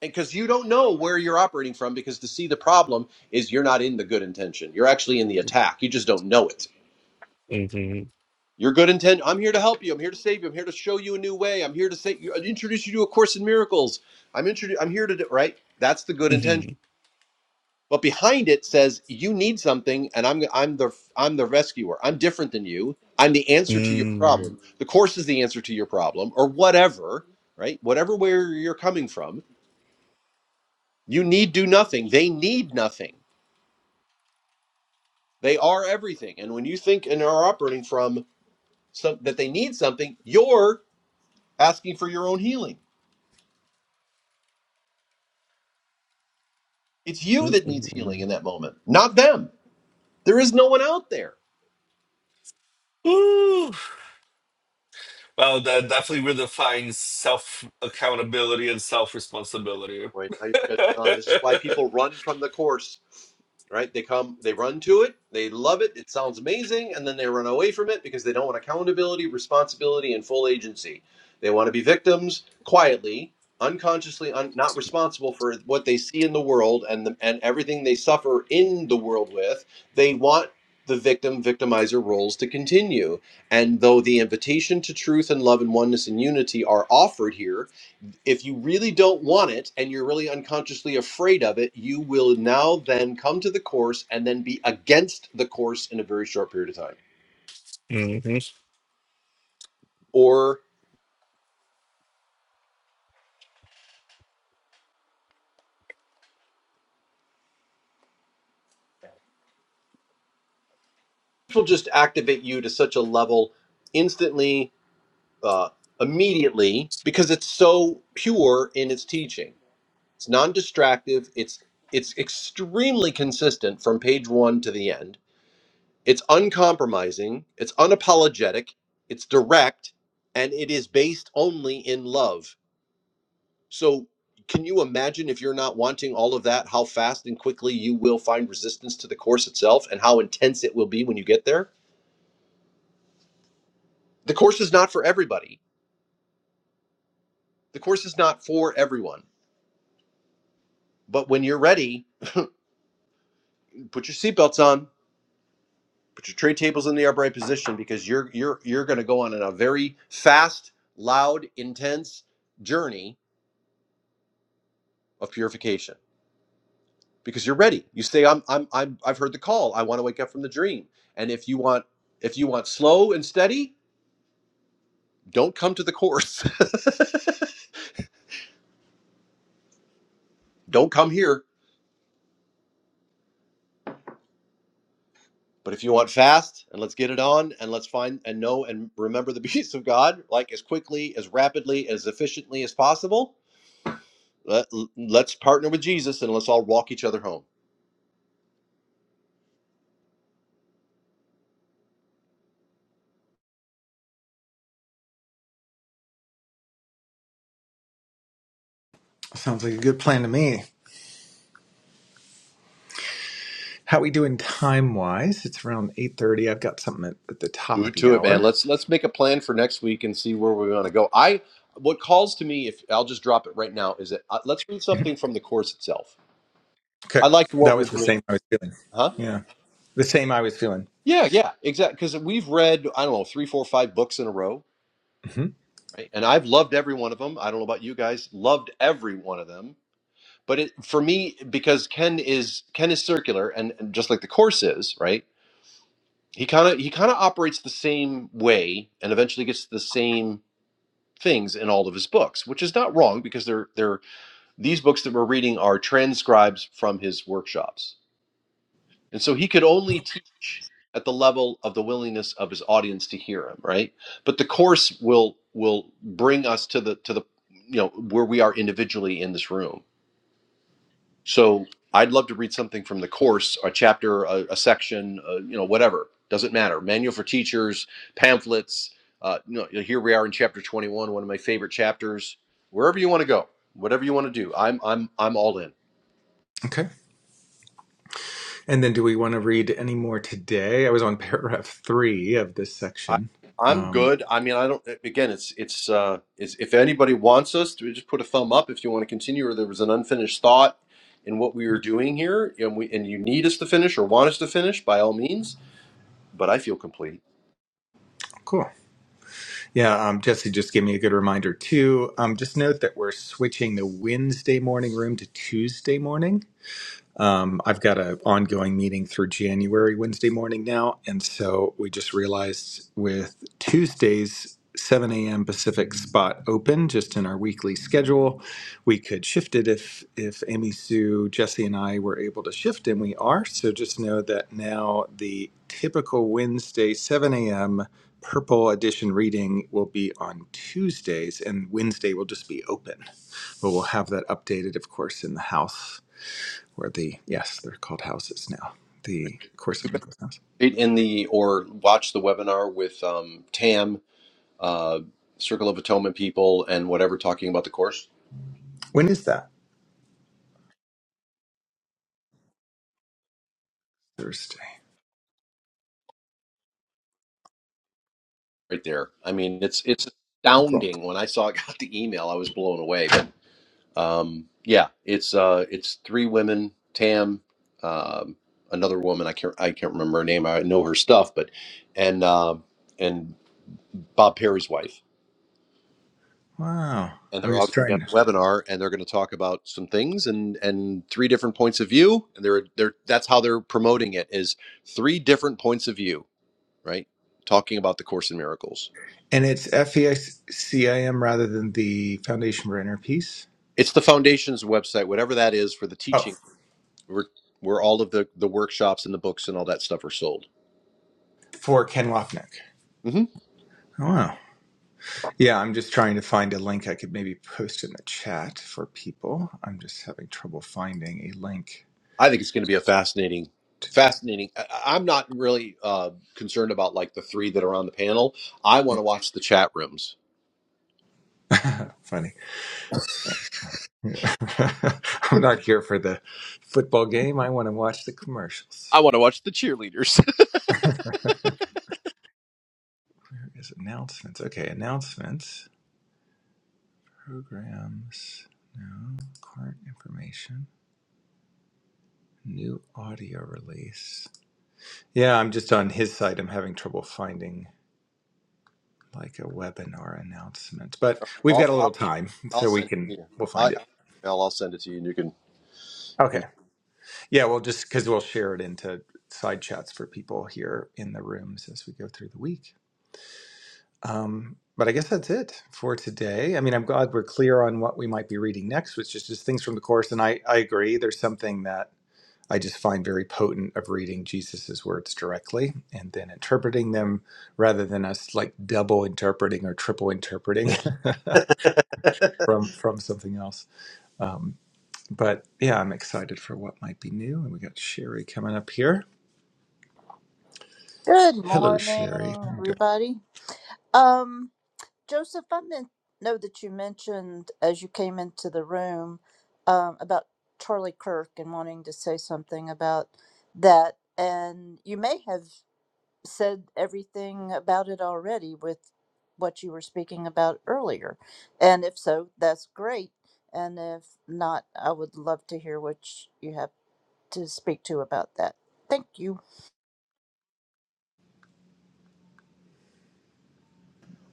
C: And because you don't know where you're operating from, because to see the problem is you're not in the good intention. You're actually in the attack. You just don't know it
B: Mm-hmm.
C: Your good intent. I'm here to help you. I'm here to save you. I'm here to show you a new way. I'm here to say, introduce you to a course in miracles. I'm introduce. I'm here to do right. That's the good intention.
B: Mm-hmm.
C: But behind it says you need something, and I'm I'm the I'm the rescuer. I'm different than you. I'm the answer to your
B: Mm.
C: problem. The course is the answer to your problem, or whatever. Right, whatever where you're coming from, you need do nothing. They need nothing. They are everything. And when you think and are operating from some that they need something, you're asking for your own healing It's you that needs
B: Mm-mm.
C: healing in that moment, not them. There is no one out there.
B: Ooh. Well, that definitely redefines self accountability and self responsibility.
C: Right? How you catching on? This is why people run from the course, right? They come, they run to it, they love it, it sounds amazing, and then they run away from it because they don't want accountability, responsibility, and full agency. They want to be victims quietly, unconsciously, un- not responsible for what they see in the world and the, and everything they suffer in the world with. They want the victim victimizer roles to continue. And though the invitation to truth and love and oneness and unity are offered here, if you really don't want it and you're really unconsciously afraid of it, you will now then come to the course and then be against the course in a very short period of time. Or it will just activate you to such a level instantly, uh, immediately, because it's so pure in its teaching. It's non-distractive. It's it's extremely consistent from page one to the end. It's uncompromising. It's unapologetic. It's direct, and it is based only in love So, can you imagine if you're not wanting all of that, how fast and quickly you will find resistance to the course itself and how intense it will be when you get there? The course is not for everybody, the course is not for everyone. But when you're ready, put your seatbelts on. Put your tray tables in the upright position because you're you're you're going to go on a very fast, loud, intense journey of purification because you're ready. You say, "I'm I'm, I'm I've heard the call. I want to wake up from the dream." And if you want if you want slow and steady, don't come to the course. don't come here. But if you want fast, and let's get it on, and let's find and know and remember the peace of God, like as quickly, as rapidly, as efficiently as possible. Let, let's partner with Jesus, and let's all walk each other home.
A: sounds like a good plan to me. How we doing time wise? It's around eight thirty. I've got something at, at the top
C: Do
A: of
C: it
A: the
C: to it, man.
A: hour.
C: Let's let's make a plan for next week and see where we want to go. I what calls to me, if I'll just drop it right now, is that uh, let's read
A: Mhm.
C: something from the course itself. I
A: Okay,
C: like what
A: that
C: we're
A: was the
C: doing,
A: same I was feeling.
C: huh?
A: Yeah, the same I was feeling.
C: Yeah, yeah, exactly. Because we've read I don't know three, four, five books in a row
A: hmm
C: right? And I've loved every one of them. I don't know about you guys, loved every one of them. But it, for me, because Ken is Ken is circular, and, and just like the course is, right? He kind of he kind of operates the same way, and eventually gets to the same things in all of his books, which is not wrong because they're they're these books that we're reading are transcribes from his workshops, And so he could only teach at the level of the willingness of his audience to hear him, right? But the course will will bring us to the to the you know where we are individually in this room. So I'd love to read something from the course, a chapter, a, a section, uh you know, whatever. Doesn't matter. Manual for teachers, pamphlets. Uh, you know, here we are in chapter 21, one of my favorite chapters. Wherever you want to go, whatever you want to do, I'm I'm I'm all in.
A: Okay, and then do we want to read any more today? I was on paragraph three of this
C: I
A: section.
C: I'm
A: Um,
C: good. I mean, I don't. Again, it's it's uh, it's if anybody wants us to just put a thumb up if you want to continue, or there was an unfinished thought in what we were doing here, and we and you need us to finish or want us to finish, by all means. But I feel complete.
A: cool. Yeah, um, Jesse just gave me a good reminder too. Um, just note that we're switching the Wednesday morning room to Tuesday morning. Um, I've got an ongoing meeting through January, Wednesday morning now. And so we just realized with Tuesdays, 7 a.m. Pacific spot open just in our weekly schedule. We could shift it if if Amy Sue, Jesse, and I were able to shift, and we are. So just know that now the typical Wednesday 7 a.m. Purple Edition reading will be on Tuesdays, and Wednesday will just be open. But we'll have that updated, of course, in the house or the yes, they're called houses now. The
C: Are
A: Course
C: you
A: in
C: going to
A: Miracles house.
C: participate in the or watch the webinar with um, Tam, uh, Circle of Atonement people, and whatever talking about the course
A: When is that? Thursday.
C: right there? I mean, it's it's
A: Cool.
C: astounding. When I saw got the email, I was blown away. Um, yeah, it's uh, it's three women, Tam, um, another woman. I can't I can't remember her name. I know her stuff, but and um and Bob Perry's wife,
A: Wow.
C: and they're
A: I'm
C: all
A: just
C: going to be on
A: trying to.
C: a webinar, and they're going to talk about some things and and three different points of view, and they're they're that's how they're promoting it is three different points of view, right? Talking about the Course in Miracles.
A: And it's FESCIM rather than the Foundation for Inner Peace.
C: It's the foundation's website, whatever that is for the
A: Oh,
C: teaching. where where all of the the workshops and the books and all that stuff are sold.
A: for Ken Wapnick.
C: Mhm.
A: Oh, wow. Yeah, I'm just trying to find a link I could maybe post in the chat for people. I'm just having trouble finding a link.
C: I think it's going to be a fascinating, fascinating. I, I- I'm not really uh, concerned about like the three that are on the panel. I want to watch the chat rooms.
A: Funny. Yeah. I'm not here for the football game. I want to watch the commercials.
C: I want to watch the cheerleaders.
A: Is announcements. Okay, announcements. Programs. No. Current information. New audio release. Yeah, I'm just on his side. I'm having trouble finding like a webinar announcement, but we've
C: I'll,
A: got a
C: I'll,
A: little time,
C: I'll
A: so we
C: send it
A: can
C: to you.
A: we'll
C: I,
A: find
C: I,
A: it.
C: I'll, I'll send it to you, and you can. You
A: Okay.
C: can.
A: Yeah, we'll just because we'll share it into side chats for people here in the rooms as we go through the week. Um, but I guess that's it for today. I mean, I'm glad we're clear on what we might be reading next, which is just things from the Course. And I, I agree, there's something that I just find very potent of reading Jesus's words directly and then interpreting them rather than us like double interpreting or triple interpreting from, from something else. Um, but yeah, I'm excited for what might be new. And we got Sherry coming up here.
D: Good
A: Hello, Sherry.
D: morning, everybody. Um, Joseph, I meant, know that you mentioned as you came into the room um, about Charlie Kirk and wanting to say something about that, and you may have said everything about it already with what you were speaking about earlier. And if so, that's great. And if not, I would love to hear what you have to speak to about that. Thank you.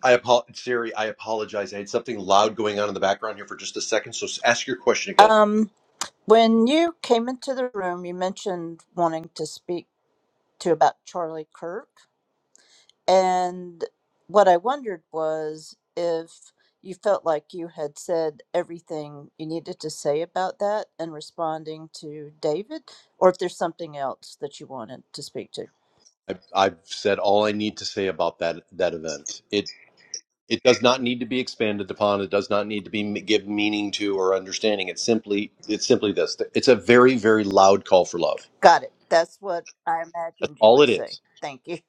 C: I apologize, Siri. I apologize. I had something loud going on in the background here for just a second. So s- ask your question again.
D: Um, When you came into the room, you mentioned wanting to speak to about Charlie Kirk. And what I wondered was if you felt like you had said everything you needed to say about that and responding to David, or if there's something else that you wanted to speak to.
C: I've, I've said all I need to say about that that event. It. It does not need to be expanded upon. It does not need to be give meaning to or understanding. It's simply it's simply this. It's a very very loud call for love.
D: Got it. That's what I
C: That's
D: imagined you
C: all
D: would
C: it
D: say.
C: is.
D: Thank you.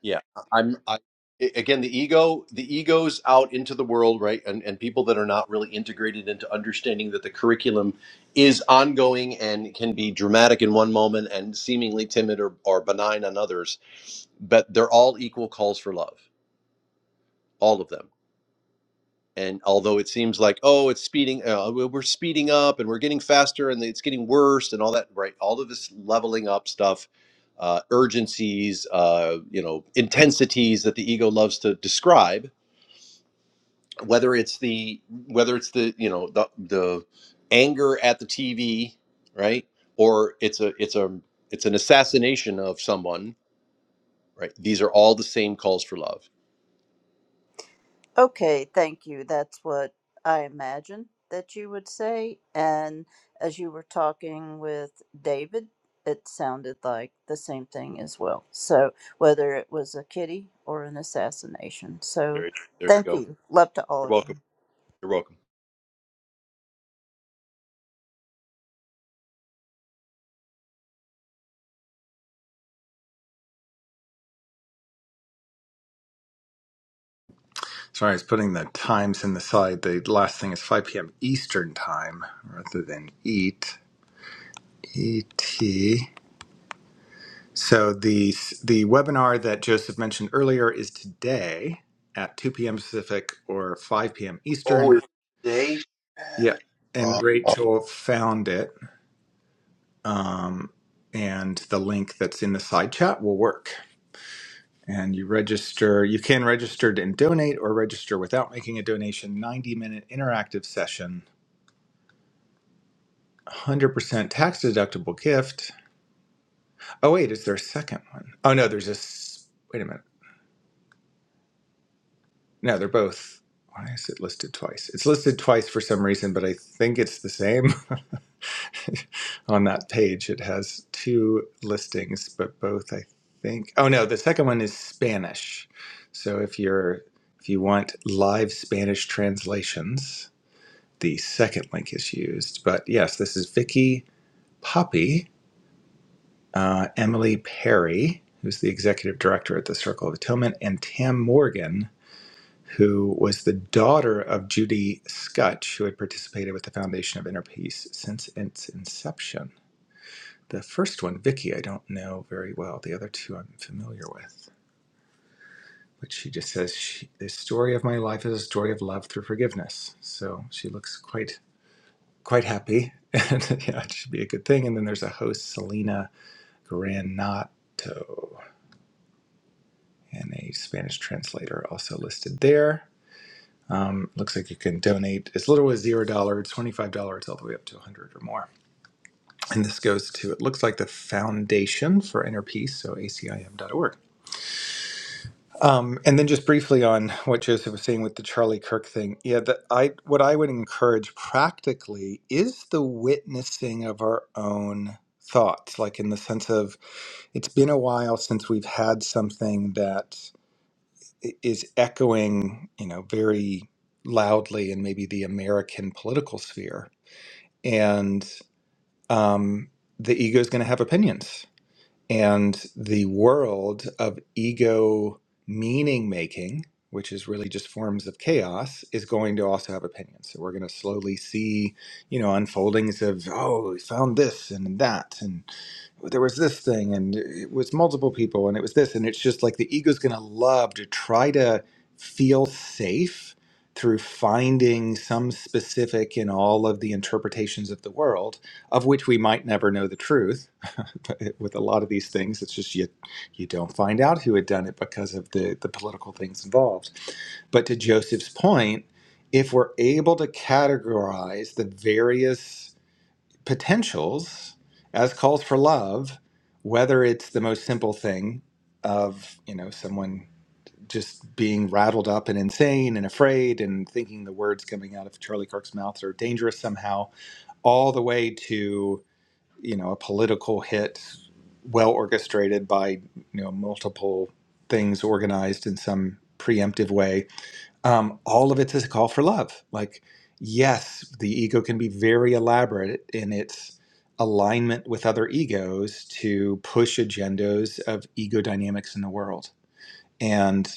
C: Yeah, I'm. I, a- again, the ego the ego's out into the world, right? And and people that are not really integrated into understanding that the curriculum is ongoing and can be dramatic in one moment and seemingly timid or, or benign on others, but they're all equal calls for love. All of them and although it seems like oh it's speeding uh, we- we're speeding up and we're getting faster and it's getting worse and all that right all of this leveling up stuff uh, urgencies uh, you know intensities that the ego loves to describe whether it's the whether it's the you know the the anger at the tv right or it's a it's a it's an assassination of someone right these are all the same calls for love
D: Okay, thank you. That's what I imagined that you would say. And as you were talking with David, it sounded like the same thing as well. So, whether it was a kitty or an assassination. So,
C: there, there you
D: thank
C: go
D: you. Love to all
C: you're
D: of you.
C: welcome you're welcome
A: Sorry, I was putting the times in the slide. The last thing is 5 p.m. Eastern time rather than EAT. ET. So the the webinar that Joseph mentioned earlier is today at 2 p.m. Pacific or 5 p.m. Eastern. Yep. And Rachel found it. Um, and the link that's in the side chat will work. And you register, you can register and donate or register without making a donation, 90 minute interactive session 100% tax deductible gift. Oh, wait, is there a second one? Oh, no, there's a. s- Wait a minute. No, they're both. Why is it listed twice? It's listed twice for some reason, but I think it's the same. On that page, it has two listings, but both, I think. Oh, no, the second one is Spanish. So if you're. If you want live Spanish translations, the second link is used. But yes, this is Vicky Poppy, uh, Emily Perry, who's the executive director at the Circle of Atonement, and Tam Morgan, who was the daughter of Judy Scutch, who had participated with the Foundation of Inner Peace since its inception. The first one, Vicky, I don't know very well. The other two I'm familiar with. But she just says, she, the story of my life is a story of love through forgiveness. So she looks quite quite happy. And yeah, it should be a good thing. And then there's a host, Selena Granato. and a Spanish translator also listed there. Um, looks like you can donate as little as zero dollars, twenty-five dollars, all the way up to a hundred dollars or more. And this goes to it looks like the Foundation for Inner Peace, so ACIM.org. Um, and then just briefly on what Joseph was saying with the Charlie Kirk thing, yeah, that I what I would encourage practically is the witnessing of our own thoughts, like in the sense of it's been a while since we've had something that i- is echoing, you know, very loudly in maybe the American political sphere. And um, the ego is going to have opinions. And the world of ego meaning making, which is really just forms of chaos, is going to also have opinions. So we're going to slowly see, you know, unfoldings of, oh, we found this and that there was this thing and it was multiple people and it was this and it's just like the ego's going to love to try to feel safe through finding some specific in all of the interpretations of the world of which we might never know the truth But it- with a lot of these things it's just you you don't find out who had done it because of the the political things involved but to joseph's point if we're able to categorize the various potentials as calls for love, whether it's the most simple thing of, you know, someone just being rattled up and insane and afraid and thinking the words coming out of Charlie Kirk's mouth are dangerous somehow, all the way to, you know, a political hit well orchestrated by, you know, multiple things organized in some preemptive way um, all of it is a call for love. Like, yes, the ego can be very elaborate in its alignment with other egos to push agendas of ego dynamics in the world and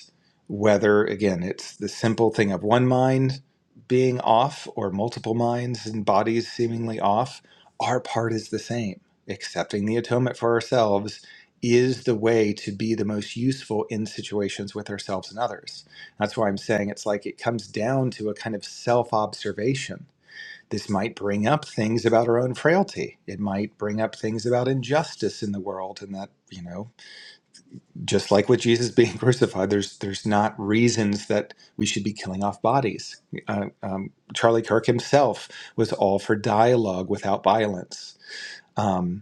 A: whether again it's the simple thing of one mind being off or multiple minds and bodies seemingly off our part is the same accepting the atonement for ourselves is the way to be the most useful in situations with ourselves and others that's why i'm saying it's like it comes down to a kind of self observation this might bring up things about our own frailty it might bring up things about injustice in the world and that you know just like with Jesus being crucified, there's there's not reasons that we should be killing off bodies. Uh, um, Charlie Kirk himself was all for dialogue without violence. Um,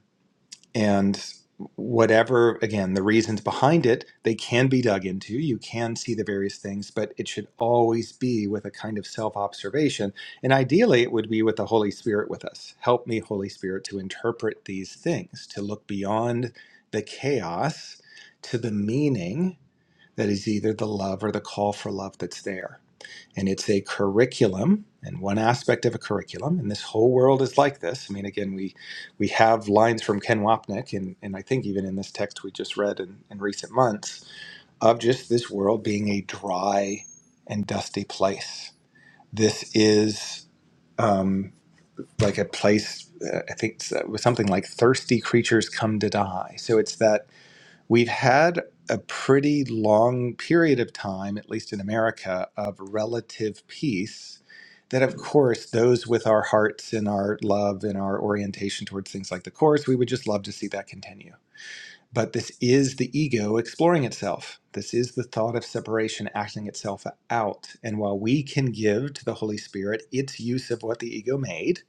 A: and whatever again the reasons behind it they can be dug into you can see the various things but it should always be with a kind of self-observation and ideally it would be with the holy spirit with us help me holy spirit to interpret these things to look beyond the chaos to the meaning that is either the love or the call for love that's there and it's a curriculum and one aspect of a curriculum and this whole world is like this i mean again we we have lines from ken wapnick and, and i think even in this text we just read in, in recent months of just this world being a dry and dusty place this is um, like a place uh, i think it's, uh, was something like thirsty creatures come to die so it's that We've had a pretty long period of time, at least in America, of relative peace. That, of course, those with our hearts and our love and our orientation towards things like the Course, we would just love to see that continue. But this is the ego exploring itself. This is the thought of separation acting itself out. And while we can give to the Holy Spirit its use of what the ego made,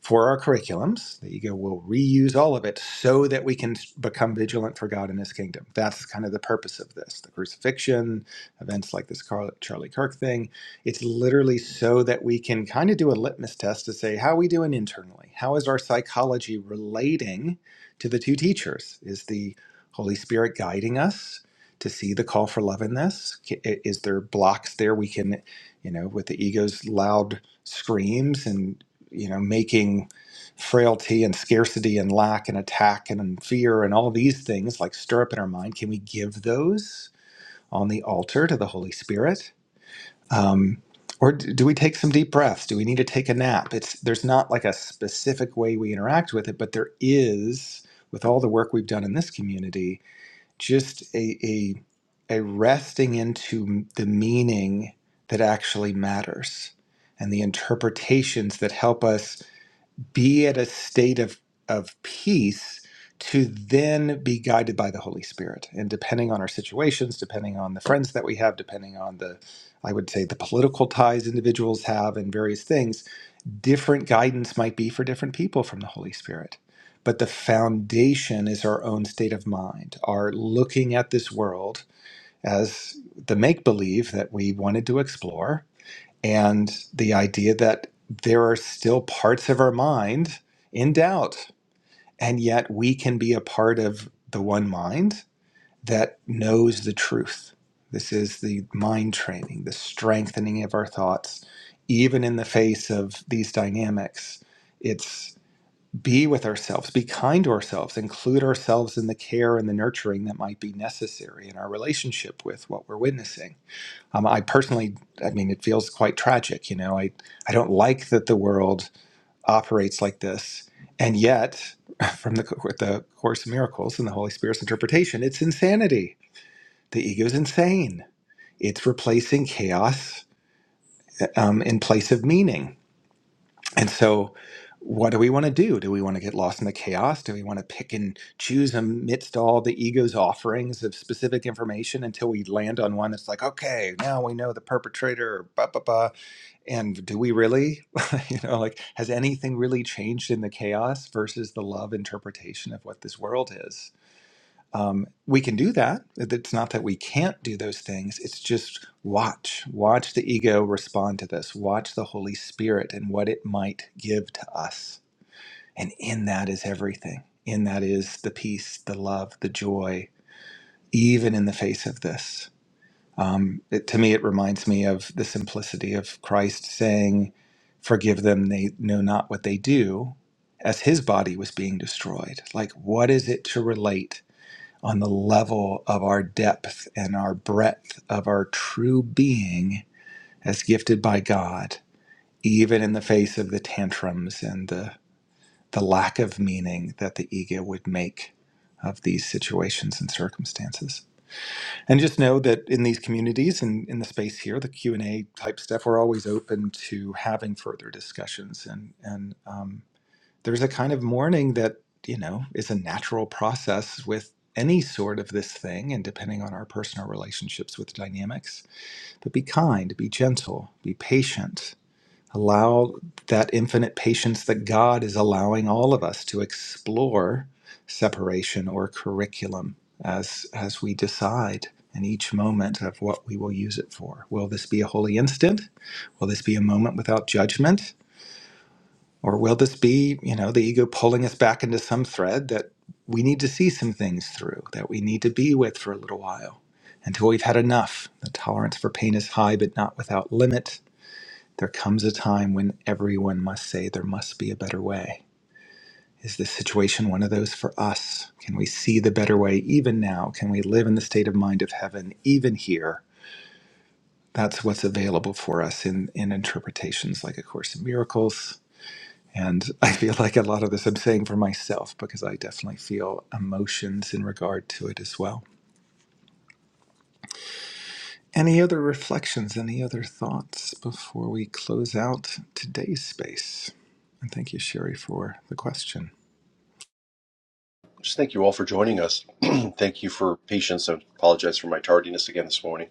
A: for our curriculums. The ego will reuse all of it so that we can become vigilant for God and His kingdom. That's kind of the purpose of this. The crucifixion, events like this Carl, Charlie Kirk thing, it's literally so that we can kind of do a litmus test to say, how are we doing internally? How is our psychology relating to the two teachers? Is the Holy Spirit guiding us? To see the call for love in this, is there blocks there we can, you know, with the ego's loud screams and? you know, making frailty and scarcity and lack and attack and fear and all these things like stir up in our mind, can we give those on the altar to the Holy Spirit? Um, or d- do we take some deep breaths? Do we need to take a nap? It's there's not like a specific way we interact with it, but there is, with all the work we've done in this community, just a a, a resting into the meaning that actually matters and the interpretations that help us be at a state of of peace to then be guided by the Holy Spirit. And depending on our situations, depending on the friends that we have, depending on the I would say the political ties individuals have and various things, different guidance might be for different people from the Holy Spirit. But the foundation is our own state of mind, our looking at this world as the make believe that we wanted to explore and the idea that there are still parts of our mind in doubt, and yet we can be a part of the one mind that knows the truth. This is the mind training, the strengthening of our thoughts, even in the face of these dynamics. It's be with ourselves, be kind to ourselves, include ourselves in the care and the nurturing that might be necessary in our relationship with what we're witnessing um, I personally, I mean, it feels quite tragic. You know, I, I don't like that the world operates like this. And yet, from the, co- the Course of Miracles and the Holy Spirit's interpretation, it's insanity. The ego's insane. It's replacing chaos uh, um, in place of meaning. And so, what do we want to do? Do we want to get lost in the chaos? Do we want to pick and choose amidst all the ego's offerings of specific information until we land on one that's like, okay, now we know the perpetrator, blah, blah, blah, and do we really you know like has anything really changed in the chaos versus the love interpretation of what this world is um, we can do that it's not that we can't do those things it's just watch watch the ego respond to this watch the holy spirit and what it might give to us and in that is everything in that is the peace the love the joy even in the face of this um, it, to me, it reminds me of the simplicity of Christ saying, Forgive them, they know not what they do, as his body was being destroyed. Like, what is it to relate on the level of our depth and our breadth of our true being as gifted by God, even in the face of the tantrums and the, the lack of meaning that the ego would make of these situations and circumstances? and just know that in these communities and in the space here the q&a type stuff we're always open to having further discussions and and um, there's a kind of mourning that you know is a natural process with any sort of this thing and depending on our personal relationships with dynamics but be kind be gentle be patient Allow that infinite patience that God is allowing all of us to explore separation or curriculum as, as we decide in each moment of what we will use it for. Will this be a holy instant? Will this be a moment without judgment? Or will this be, you know, the ego pulling us back into some thread that we need to see some things through, that we need to be with for a little while until we've had enough? The tolerance for pain is high, but not without limit. There comes a time when everyone must say there must be a better way. Is this situation one of those for us? Can we see the better way even now? Can we live in the state of mind of heaven even here? That's what's available for us in, in interpretations like A Course in Miracles. And I feel like a lot of this I'm saying for myself because I definitely feel emotions in regard to it as well. Any other reflections, any other thoughts before we close out today's space? And thank you, Sherry, for the question.
C: Just thank you all for joining us. thank you for patience. I apologize for my tardiness again this morning.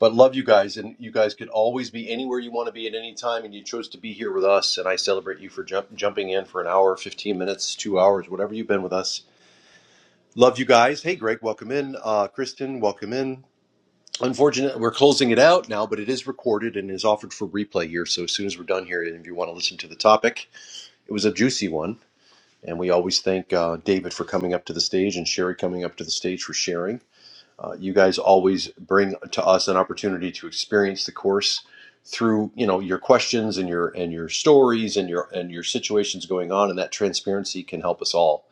C: But love you guys, and you guys could always be anywhere you want to be at any time, and you chose to be here with us. And I celebrate you for jump, jumping in for an hour, 15 minutes, two hours, whatever you've been with us. Love you guys. Hey, Greg, welcome in. Uh, Kristen, welcome in. Unfortunately, we're closing it out now, but it is recorded and is offered for replay here. So as soon as we're done here, and if you want to listen to the topic, it was a juicy one and we always thank uh, David for coming up to the stage and Sherry coming up to the stage for sharing. Uh, you guys always bring to us an opportunity to experience the course through you know your questions and your and your stories and your and your situations going on and that transparency can help us all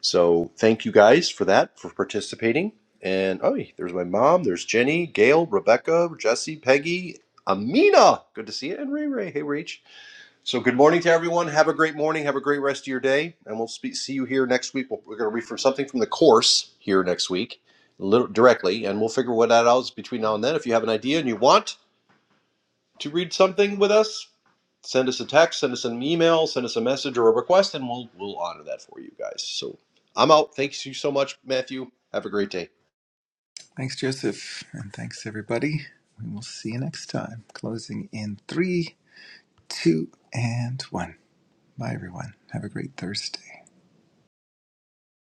C: so thank you guys for that for participating and oh there's my mom there's jenny gail rebecca jesse peggy amina good to see you and ray ray hey Rach. So, good morning to everyone. Have a great morning. Have a great rest of your day, and we'll speak, see you here next week. We'll- We're going to read from something from the course here next week, little, directly, and we'll figure what that out is between now and then. If you have an idea and you want to read something with us, send us a text, send us an email, send us a message or a request, and we'll we'll honor that for you guys. So, I'm out. Thanks you so much, Matthew. Have a great day.
A: Thanks, Joseph. And thanks, everybody. We will see you next time. Closing in three, two, and one. Bye, everyone. Have a great Thursday.